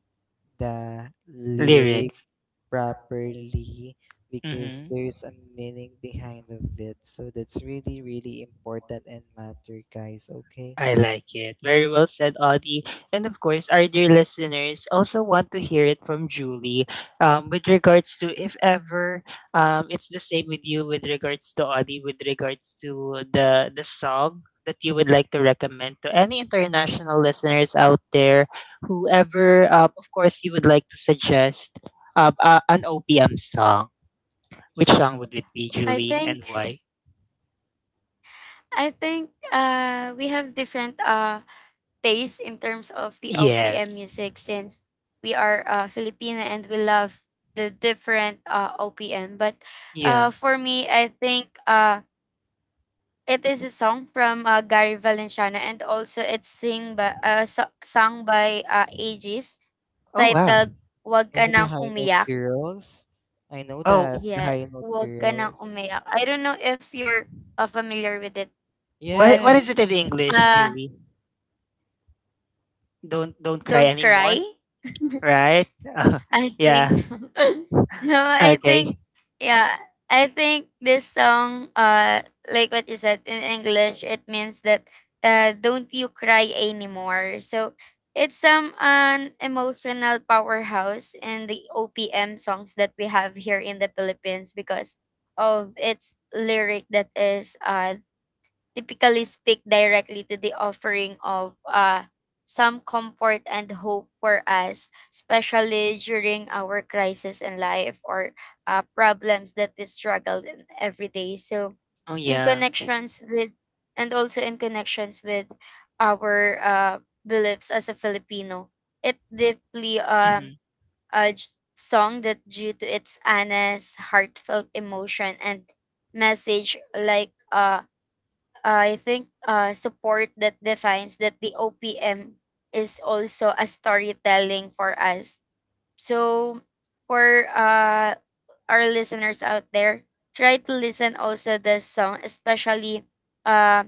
Speaker 2: the lyric
Speaker 1: Lyrics.
Speaker 2: properly because
Speaker 1: Mm-hmm.
Speaker 2: there's a meaning behind of it. So that's really, really important and matter, guys. Okay.
Speaker 1: I like it. Very well said, Audie. And of course, our dear listeners also want to hear it from Julie with regards to if ever it's the same with you with regards to Audie, with regards to the song that you would like to recommend to any international listeners out there, whoever, of course, you would like to suggest an OPM song. Which song would it be,
Speaker 3: I
Speaker 1: Julie, and
Speaker 3: think
Speaker 1: why?
Speaker 3: we have different tastes in terms of the OPM
Speaker 1: Yes.
Speaker 3: music since we are Filipino and we love the different OPM. But
Speaker 1: Yeah.
Speaker 3: for me I think it is a song from Gary Valenciano and also it's sing by sung by Aegis
Speaker 1: Oh wow.
Speaker 3: titled Wag Ka
Speaker 2: Oh, the
Speaker 3: Nang
Speaker 2: high note
Speaker 3: Umiyak.
Speaker 2: girls. I know
Speaker 1: Oh,
Speaker 2: that the
Speaker 3: Yeah,
Speaker 2: high note
Speaker 3: "Huwag ka nang
Speaker 2: girls.
Speaker 3: umiyak." I don't know if you're, familiar with it, but,
Speaker 1: what
Speaker 2: Yes,
Speaker 1: is it in English,
Speaker 3: uh,
Speaker 1: Julie? Don't cry
Speaker 3: "Don't cry,"
Speaker 1: anymore, right?
Speaker 3: I
Speaker 1: (laughs) Yeah.
Speaker 3: think so. (laughs) No, I think
Speaker 1: Okay.
Speaker 3: yeah, I think this song, like what you said, in English, it means that, "Don't you cry anymore." So, it's some an emotional powerhouse in the OPM songs that we have here in the Philippines because of its lyric that is, typically speak directly to the offering of some comfort and hope for us, especially during our crisis in life or problems that we struggle in every day. So,
Speaker 1: Oh
Speaker 3: in
Speaker 1: yeah.
Speaker 3: connections with, in connections with our beliefs as a Filipino, it deeply
Speaker 1: Mhm.
Speaker 3: uh, song that due to its honest, heartfelt emotion and message like I think support that defines that the OPM is also a storytelling for us. So for our listeners out there, try to listen also the song, especially uh,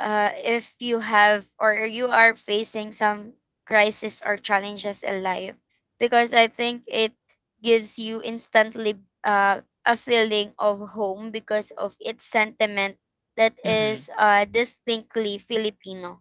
Speaker 3: if you have or you are facing some crisis or challenges in life because I think it gives you instantly a feeling of home because of its sentiment that
Speaker 1: Mhm.
Speaker 3: is distinctly Filipino.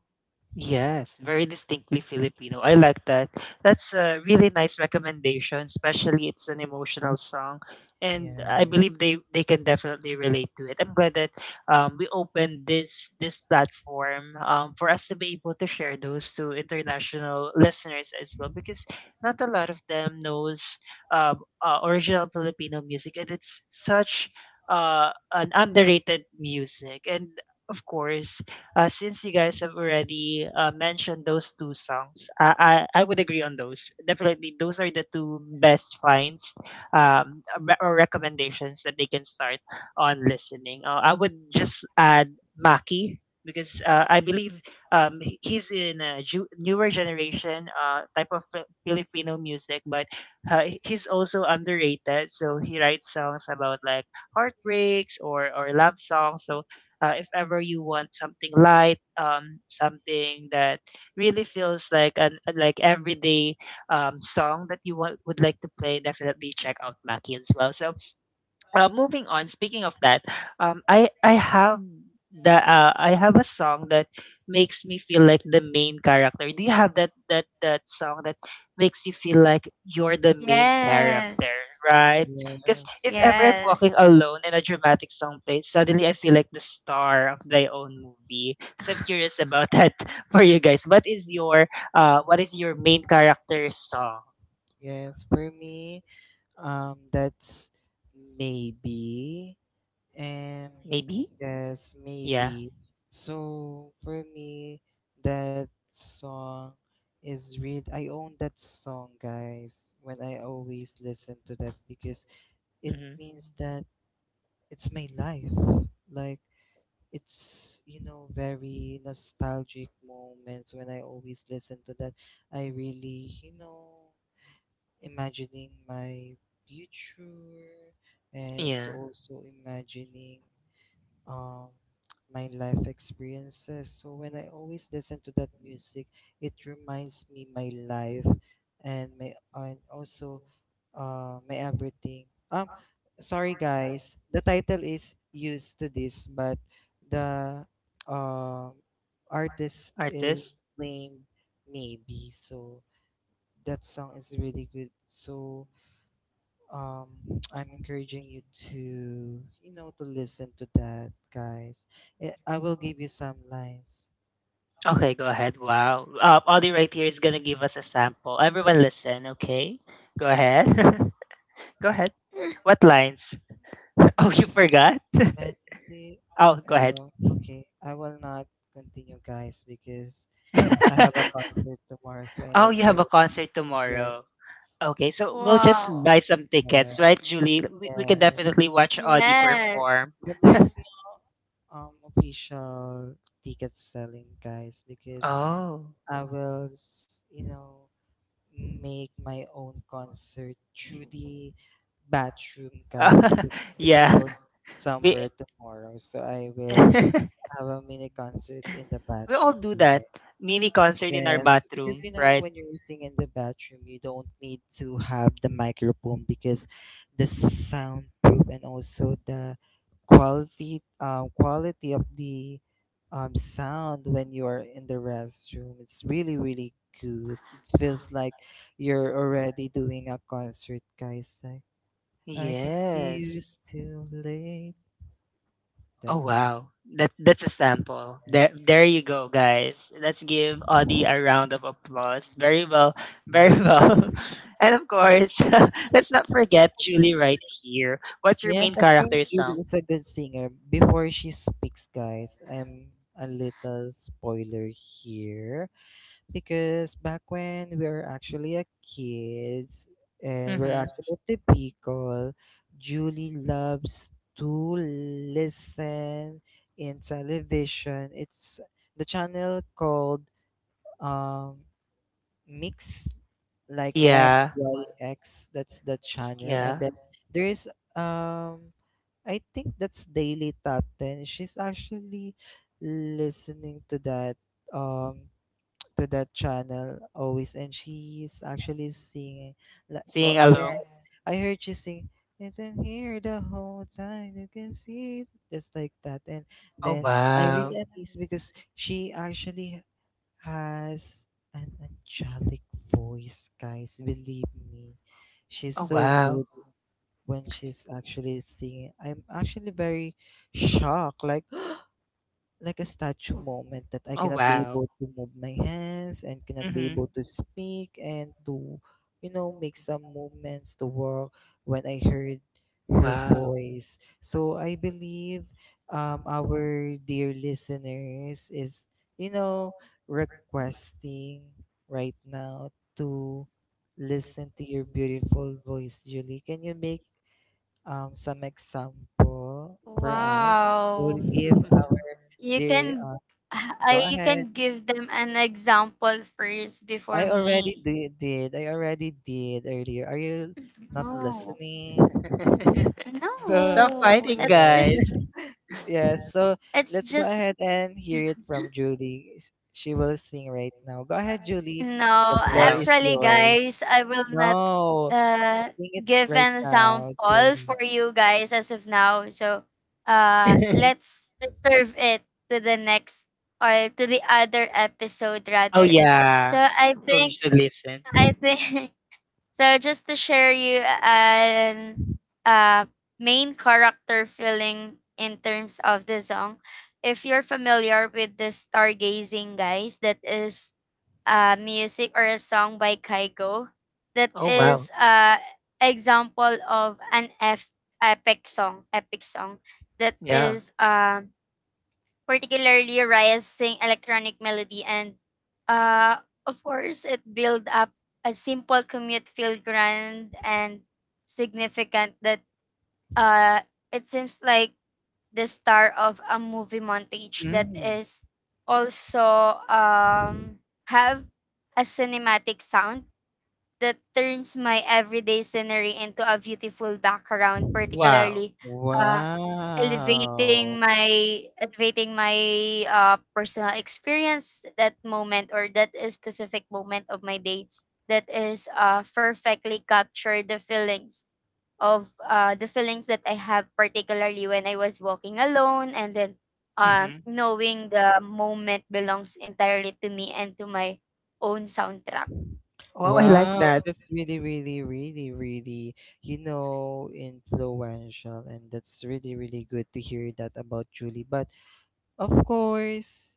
Speaker 1: Yes, very distinctly Filipino. I like that. That's a really nice recommendation, especially it's an emotional song, and I believe
Speaker 2: yes,
Speaker 1: they can definitely relate to it. I'm glad that we opened this platform for us to be able to share those to international listeners as well, because not a lot of them knows original Filipino music, and it's such an underrated music and. Of course, since you guys have already mentioned those two songs, I would agree on those. Definitely, those are the two best finds or recommendations that they can start on listening. I would just add Maki because I believe he's in a newer generation type of Filipino music, but he's also underrated. So he writes songs about like heartbreaks or love songs. So if ever you want something light, something that really feels like like everyday song that you want would like to play, definitely check out Mackie as well. So moving on, speaking of that, I have the I have a song that makes me feel like the main character. Do you have that song that makes you feel like you're the main
Speaker 3: Yes.
Speaker 1: character, right? Because
Speaker 2: yes,
Speaker 1: if ever I'm walking
Speaker 3: Yes.
Speaker 1: alone and a dramatic song plays, suddenly I feel like the star of my own movie. So I'm
Speaker 3: (laughs)
Speaker 1: curious about that. (laughs) For you guys, what is your main character song?
Speaker 2: yes. For me, that's maybe, and
Speaker 1: Maybe.
Speaker 2: yes,
Speaker 1: Yeah.
Speaker 2: maybe. So for me, that song is real. I own that song, guys. When I always listen to that, because it
Speaker 1: Mm-hmm.
Speaker 2: means that it's my life. Like it's, very nostalgic moments when I always listen to that. I really, imagining my future and to
Speaker 1: Yeah.
Speaker 2: also imagining, um my life experiences. So when I always listen to that music, it reminds me my life and my, and also my everything. Um, sorry guys, the title is used to this, but the um artist is
Speaker 1: Artist.
Speaker 2: named Maybe. So that song is
Speaker 1: Something
Speaker 2: really
Speaker 1: to
Speaker 2: good. So um,
Speaker 1: um,
Speaker 2: (tsk) I'm encouraging you to, to listen to that, guys. Eh, I will
Speaker 1: I'm
Speaker 2: give you some lines.
Speaker 1: okay, go ahead. Wow. Audie right here is gonna give us a sample. Everyone listen, okay? Go ahead. (laughs) Go ahead. What lines? (laughs) Oh, you forgot?
Speaker 2: And
Speaker 1: Oh, go ahead.
Speaker 2: oh, okay, I will not continue, guys, because I have a
Speaker 1: (laughs)
Speaker 2: concert tomorrow, so I
Speaker 1: Oh,
Speaker 2: need
Speaker 1: you
Speaker 2: to.
Speaker 1: have a concert
Speaker 2: Yes.
Speaker 1: tomorrow. Okay, so we'll just buy
Speaker 3: Wow.
Speaker 1: some
Speaker 2: Yeah,
Speaker 1: tickets, right, Julie? We can
Speaker 2: yes.
Speaker 1: definitely watch Audie
Speaker 3: Yes.
Speaker 1: perform.
Speaker 2: But
Speaker 1: (laughs)
Speaker 2: there's no official ticket selling, guys, because
Speaker 1: Oh.
Speaker 2: I will, you know, make my own concert through the bathroom, guys,
Speaker 1: (laughs)
Speaker 2: because I need to
Speaker 1: Yeah.
Speaker 2: go
Speaker 1: We
Speaker 2: somewhere tomorrow. So I will
Speaker 1: (laughs)
Speaker 2: have a mini concert in the
Speaker 1: we all
Speaker 2: bathroom.
Speaker 1: do that. Mini concert in our
Speaker 2: Yes, because
Speaker 1: bathroom,
Speaker 2: you know
Speaker 1: right?
Speaker 2: when you're singing in the bathroom, you don't need to have the microphone because the soundproof, and also the quality, quality of the sound when you are in the restroom. It's really really good. It feels like you're already doing a concert, guys. Like I can get
Speaker 1: Yes.
Speaker 2: used to late.
Speaker 1: Oh
Speaker 2: That's it.
Speaker 1: wow. That that's a sample. There
Speaker 2: Yes.
Speaker 1: there you go, guys. Let's give Audie a round of applause. Very well. Very (laughs)
Speaker 2: Yeah.
Speaker 1: well. And of course, (laughs) let's not forget Julie right here. What's your
Speaker 2: Yes,
Speaker 1: main
Speaker 2: I think
Speaker 1: character
Speaker 2: Yuri
Speaker 1: song?
Speaker 2: is a good singer. Before she speaks, guys, I'm a little spoiler here because back when we were actually a kids and we're
Speaker 1: Mm-hmm.
Speaker 2: actually at the Bicol, Julie loves to listen in television. It's the channel called um Mix, like M
Speaker 1: Yeah.
Speaker 2: Y X. That's the channel, and
Speaker 1: Yeah.
Speaker 2: then there is um I think that's Daily Top 10. She's actually listening to that, um to that channel always, and she's actually singing like oh
Speaker 1: Singing
Speaker 2: yeah,
Speaker 1: along.
Speaker 2: I heard she sing it's in here the whole time you can see it," just like that, and
Speaker 1: Oh
Speaker 2: then I
Speaker 1: wow.
Speaker 2: really amazed because she actually has an angelic voice, guys, believe me, she's
Speaker 1: Oh,
Speaker 2: so
Speaker 1: wow.
Speaker 2: good when she's actually singing. I'm actually very shocked, like (gasps) like a statue moment that I
Speaker 1: Oh,
Speaker 2: cannot be
Speaker 1: wow.
Speaker 2: able to move my hands and cannot be
Speaker 1: Mhm.
Speaker 2: able to speak and to, make some movements to work when I heard her
Speaker 1: Wow.
Speaker 2: voice. So I believe our dear listeners is, you know requesting right now to listen to your beautiful voice, Julie. Can you make some example for us. We'll
Speaker 3: Wow.
Speaker 2: give our
Speaker 3: You
Speaker 2: dear.
Speaker 3: can
Speaker 2: Go
Speaker 3: you
Speaker 2: ahead.
Speaker 3: can give them an example first before
Speaker 2: I already
Speaker 3: me.
Speaker 2: did, I already did earlier. Are you not
Speaker 3: No.
Speaker 2: listening?
Speaker 1: (laughs)
Speaker 2: So
Speaker 1: Stop
Speaker 3: No.
Speaker 1: fighting,
Speaker 2: yeah,
Speaker 1: guys.
Speaker 2: (laughs) yeah. So
Speaker 3: It's
Speaker 2: let's go
Speaker 3: just
Speaker 2: ahead and hear it from Julie. She will sing right now. Go ahead, Julie. The
Speaker 3: no.
Speaker 2: floor
Speaker 1: Wow.
Speaker 2: is
Speaker 3: Actually
Speaker 2: yours.
Speaker 3: guys, I will not
Speaker 2: No,
Speaker 3: uh
Speaker 2: sing it
Speaker 3: give
Speaker 2: right
Speaker 3: an
Speaker 2: now,
Speaker 3: example
Speaker 2: Julie.
Speaker 3: for you guys as of now. So
Speaker 1: (laughs)
Speaker 3: let's reserve it to the next or to the other episode
Speaker 1: Oh,
Speaker 3: rather. So
Speaker 1: yeah. So you should listen.
Speaker 3: I think (laughs) so just to share you an uh, main character feeling in terms of the song, if you're familiar with the stargazing guys, that is music or a song by Kygo, that
Speaker 1: Oh, wow.
Speaker 3: is example of an F- epic song that
Speaker 1: Yeah.
Speaker 3: is particularly rising electronic melody and, uh, of course it build up a simple commute feel grand and significant that uh, it seems like the star of a movie montage that
Speaker 1: Mm.
Speaker 3: is also have a cinematic sound that turns my everyday scenery into a beautiful background,
Speaker 1: Wow.
Speaker 3: particularly uh,
Speaker 2: Wow.
Speaker 3: elevating my personal experience that moment or that is specific moment of my day that is perfectly capture the feelings of the feelings that I have particularly when I was walking alone and then
Speaker 1: Mm-hmm.
Speaker 3: knowing the moment belongs entirely to me and to my own soundtrack.
Speaker 1: Wow, I like
Speaker 2: Wow,
Speaker 1: that.
Speaker 2: that's really, really, really, really, you know, influential. And that's really, really good to hear that about Julie. But of course,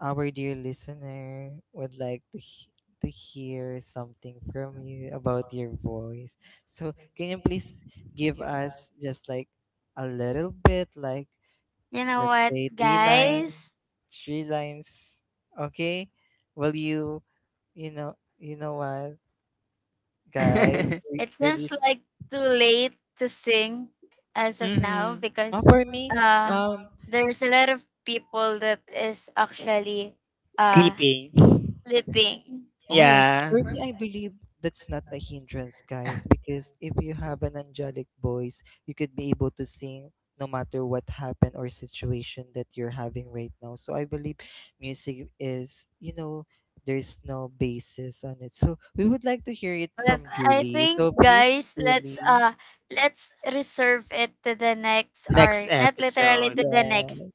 Speaker 2: our dear listener would like to, to hear something from you about your voice. So, can you please give us just like a little bit, like,
Speaker 3: You know
Speaker 2: let's
Speaker 3: what,
Speaker 2: say
Speaker 3: guys?
Speaker 2: three lines, okay? Will you, you know what? Guys,
Speaker 1: (laughs)
Speaker 3: It seems
Speaker 2: release
Speaker 3: like too late to sing as of now
Speaker 1: Mm-hmm.
Speaker 3: because
Speaker 2: for me,
Speaker 3: uh
Speaker 2: um
Speaker 3: there's a lot of people that is actually uh
Speaker 1: Sleeping.
Speaker 3: sleeping.
Speaker 2: oh,
Speaker 1: Yeah.
Speaker 2: for me, I believe that's not a hindrance, guys, because if you have an angelic voice you could be able to sing no matter what happened or situation that you're having right now, so I believe music is, there's no basis on it, so we would like to hear it
Speaker 3: But
Speaker 2: from
Speaker 3: I
Speaker 2: Julie,
Speaker 3: think
Speaker 2: so please,
Speaker 3: guys,
Speaker 2: Julie.
Speaker 3: let's reserve it to the next
Speaker 1: Next
Speaker 3: or not literally
Speaker 1: episode.
Speaker 3: to the
Speaker 2: Yes,
Speaker 3: next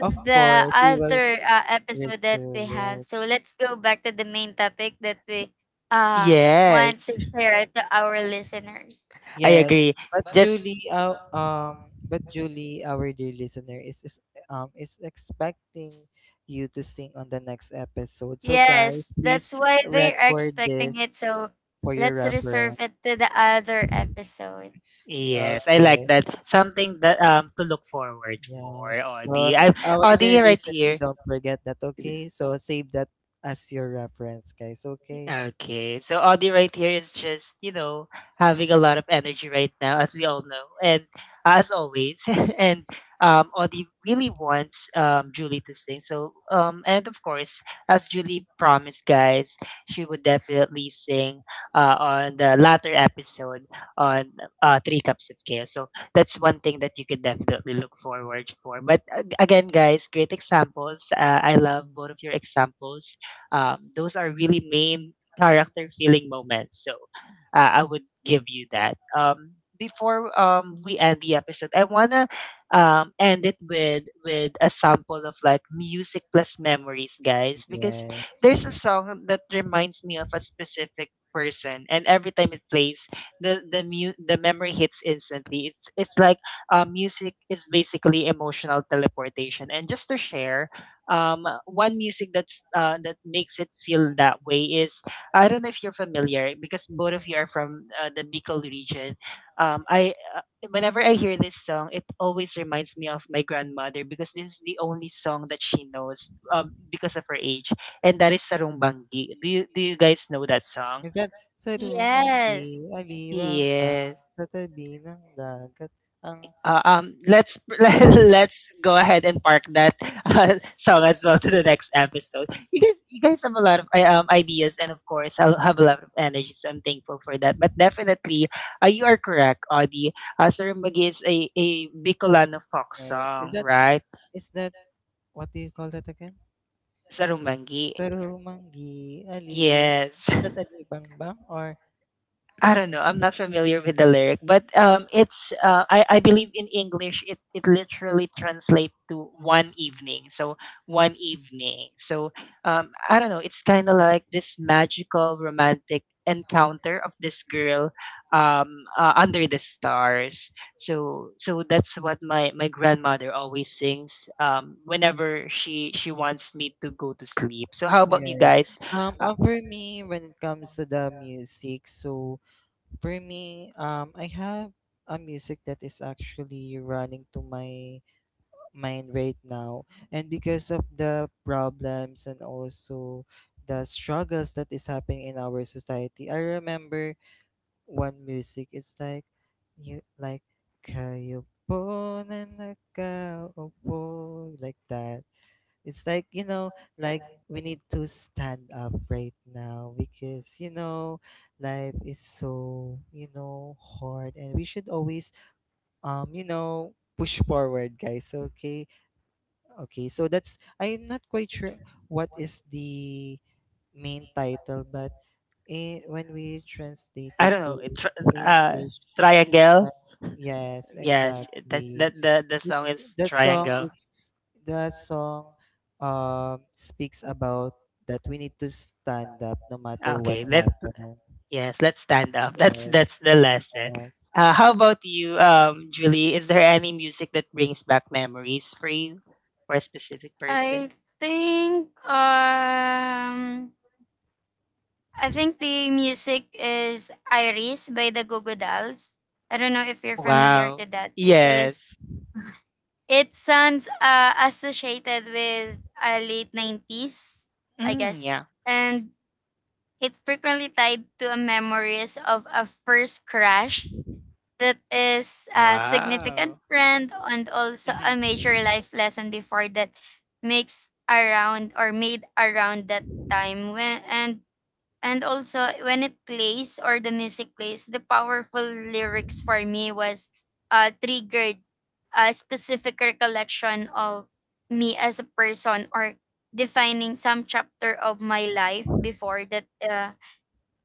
Speaker 2: of course we will
Speaker 3: other episode that we
Speaker 2: reserve
Speaker 3: have.
Speaker 2: it.
Speaker 3: So let's go back to the main topic that we uh want to
Speaker 1: Yes.
Speaker 3: share to our listeners.
Speaker 1: I
Speaker 2: Yes,
Speaker 1: agree.
Speaker 2: but
Speaker 1: Just
Speaker 2: Julie, uh, um, but Julie, our dear listener, is expecting you to sing on the next episode. So
Speaker 3: Yes,
Speaker 2: guys,
Speaker 3: that's
Speaker 2: please
Speaker 3: why they are
Speaker 2: record
Speaker 3: expecting
Speaker 2: this
Speaker 3: it. So
Speaker 2: for your
Speaker 3: let's reserve it
Speaker 2: reference.
Speaker 3: to the other episode.
Speaker 1: yes, I like
Speaker 2: Okay.
Speaker 1: that. Something that to look forward for,
Speaker 2: Yes. So
Speaker 1: Audie. I'm
Speaker 2: our
Speaker 1: Audie
Speaker 2: dear
Speaker 1: right
Speaker 2: listener,
Speaker 1: here.
Speaker 2: don't forget that. Okay. So save that as your reference, guys. Okay.
Speaker 1: Okay. So Audie right here is just, you know, having a lot of energy right now, as we all know. And as always, (laughs) and Audie really wants Julie to sing. So and of course, as Julie promised, guys, she would definitely sing on the latter episode on Three Cups of Chaos. So that's one thing that you can definitely look forward for. But again, guys, great examples. I love both of your examples. Those are really main character feeling moments. So I would give you that. Before we end the episode, I wanna end it with a sample of like music plus memories, guys, because
Speaker 2: Yes.
Speaker 1: there's a song that reminds me of a specific person, and every time it plays, the memory hits instantly. It's like music is basically emotional teleportation. And just to share, one music that that makes it feel that way is I don't know if you're familiar, because both of you are from the Bicol region. I whenever I hear this song, it always reminds me of my grandmother because this is the only song that she knows because of her age, and that is Sarong Banggi. Do you guys know that song?
Speaker 2: Minsan sa lumang
Speaker 3: Yes.
Speaker 2: di-aliwang ba,
Speaker 1: Yes.
Speaker 2: sa tabi ng dagat ang
Speaker 1: Let's (laughs) let's let
Speaker 2: (laughs)
Speaker 1: let's go ahead and park that (laughs) song as well to the next episode. You guys have a lot of ideas, and of course, I'll have a lot of energy, so I'm thankful for that. But definitely, you are correct, Audie. Sarumbangi is a Bicolano folk
Speaker 2: Yes. Is
Speaker 1: song,
Speaker 2: that,
Speaker 1: right?
Speaker 2: is that, what do you call that again?
Speaker 1: Sarumbangi,
Speaker 2: Sa lumang ali,
Speaker 1: yes.
Speaker 2: is
Speaker 1: (laughs)
Speaker 2: that alibang ba or
Speaker 1: I don't know. I'm not familiar with the lyric, but it's I believe in English it it literally translates to one evening. So one evening. So I don't know. It's kind of like this magical romantic encounter of this girl under the stars. So so that's what my grandmother always sings whenever she wants me to go to sleep. So how about you
Speaker 2: Yes.
Speaker 1: guys? Uh,
Speaker 2: For me, when it comes to the music, so for me, I have a music that is actually running to my mind right now, and because of the problems and also the struggles that is happening in our society, I remember one music. It's like you like kayo po na nakaupo," like that. It's like, you know, like we need to stand up right now because, you know, life is so, you know, hard, and we should always, you know, push forward, guys. Okay. Okay. So that's, I'm not quite sure what is the main title, but eh, when we translate
Speaker 1: I
Speaker 2: it
Speaker 1: don't
Speaker 2: to
Speaker 1: know.
Speaker 2: English,
Speaker 1: Triangle.
Speaker 2: like- yes,
Speaker 1: Yes, that
Speaker 2: exactly.
Speaker 1: that the song
Speaker 2: It's
Speaker 1: is
Speaker 2: that song,
Speaker 1: triangle.
Speaker 2: it's the song speaks about that we need to stand up no matter what
Speaker 1: Okay, let
Speaker 2: happens.
Speaker 1: yes, let's stand up.
Speaker 2: Yes,
Speaker 1: That's the lesson.
Speaker 2: yes,
Speaker 1: How about you, Julie? Is there any music that brings back memories for you, for a specific person?
Speaker 3: I think um I think the music is Iris by the Google Dolls. I don't know if you're
Speaker 1: Oh
Speaker 3: familiar
Speaker 1: wow!
Speaker 3: to that because
Speaker 1: Yes.
Speaker 3: it sounds associated with a late 90s, I
Speaker 1: Mm,
Speaker 3: guess.
Speaker 1: yeah.
Speaker 3: And it frequently tied to a memories of a first crush that is a significant
Speaker 1: Wow.
Speaker 3: friend and also a
Speaker 1: Hmm.
Speaker 3: major life lesson before that makes around or made around that time when and also when it plays or the music plays the powerful lyrics for me was triggered a specific recollection of me as a person or defining some chapter of my life before that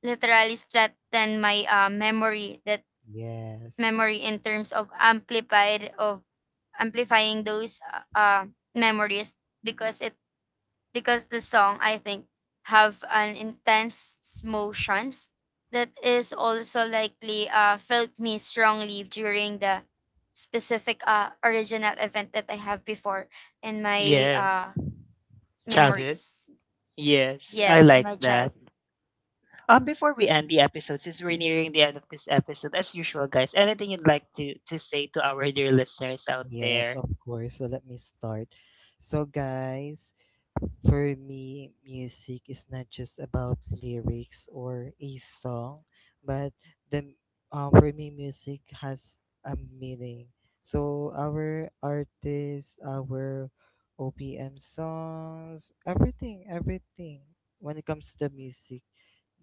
Speaker 3: literally strengthened my
Speaker 2: yes.
Speaker 3: memory in terms of amplified of amplifying those uh, uh, memories because it because the song I think have an intense motions that is also likely felt me strongly during the specific original event that I have before in my
Speaker 1: Yes. Childhood.
Speaker 3: memories.
Speaker 1: Yes, I
Speaker 3: Yes, in
Speaker 1: like
Speaker 3: my
Speaker 1: that.
Speaker 3: childhood.
Speaker 1: Before we end the episode, since we're nearing the end of this episode, as usual, guys, anything you'd like to say to our dear listeners out
Speaker 2: Yes,
Speaker 1: there?
Speaker 2: of course. So let me start. So, guys, for me, music is not just about lyrics or a song, but the for me, music has a meaning. So our artists, our OPM songs, everything, everything. When it comes to the music,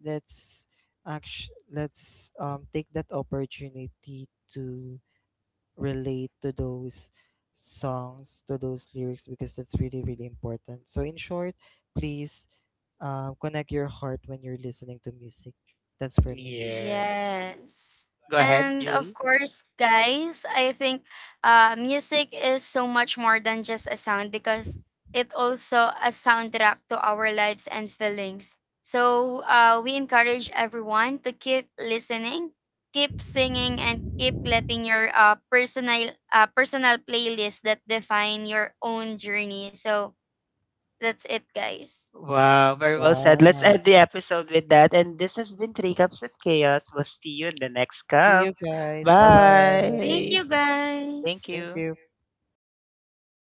Speaker 2: let's act. Let's take that opportunity to relate to those songs, to those lyrics, because that's really, really important. So, in short, please connect your heart when you're listening to music. That's for me.
Speaker 1: Yes.
Speaker 3: Yes.
Speaker 1: Go ahead,
Speaker 3: And of
Speaker 1: Julie.
Speaker 3: course, guys, I think music is so much more than just a sound because it also a soundtrack to our lives and feelings. So we encourage everyone to keep listening, keep singing, and keep letting your personal playlist that define your own journey. So that's it, guys.
Speaker 1: Wow, very well said. Let's
Speaker 2: Wow.
Speaker 1: end the episode with that. And this has been Three Cups of Chaos. We'll see you in the next
Speaker 2: See you
Speaker 1: cup.
Speaker 2: guys. Bye
Speaker 3: Thank
Speaker 2: bye.
Speaker 3: you,
Speaker 1: Bye. Thank
Speaker 3: guys.
Speaker 2: Thank
Speaker 1: you.
Speaker 2: you.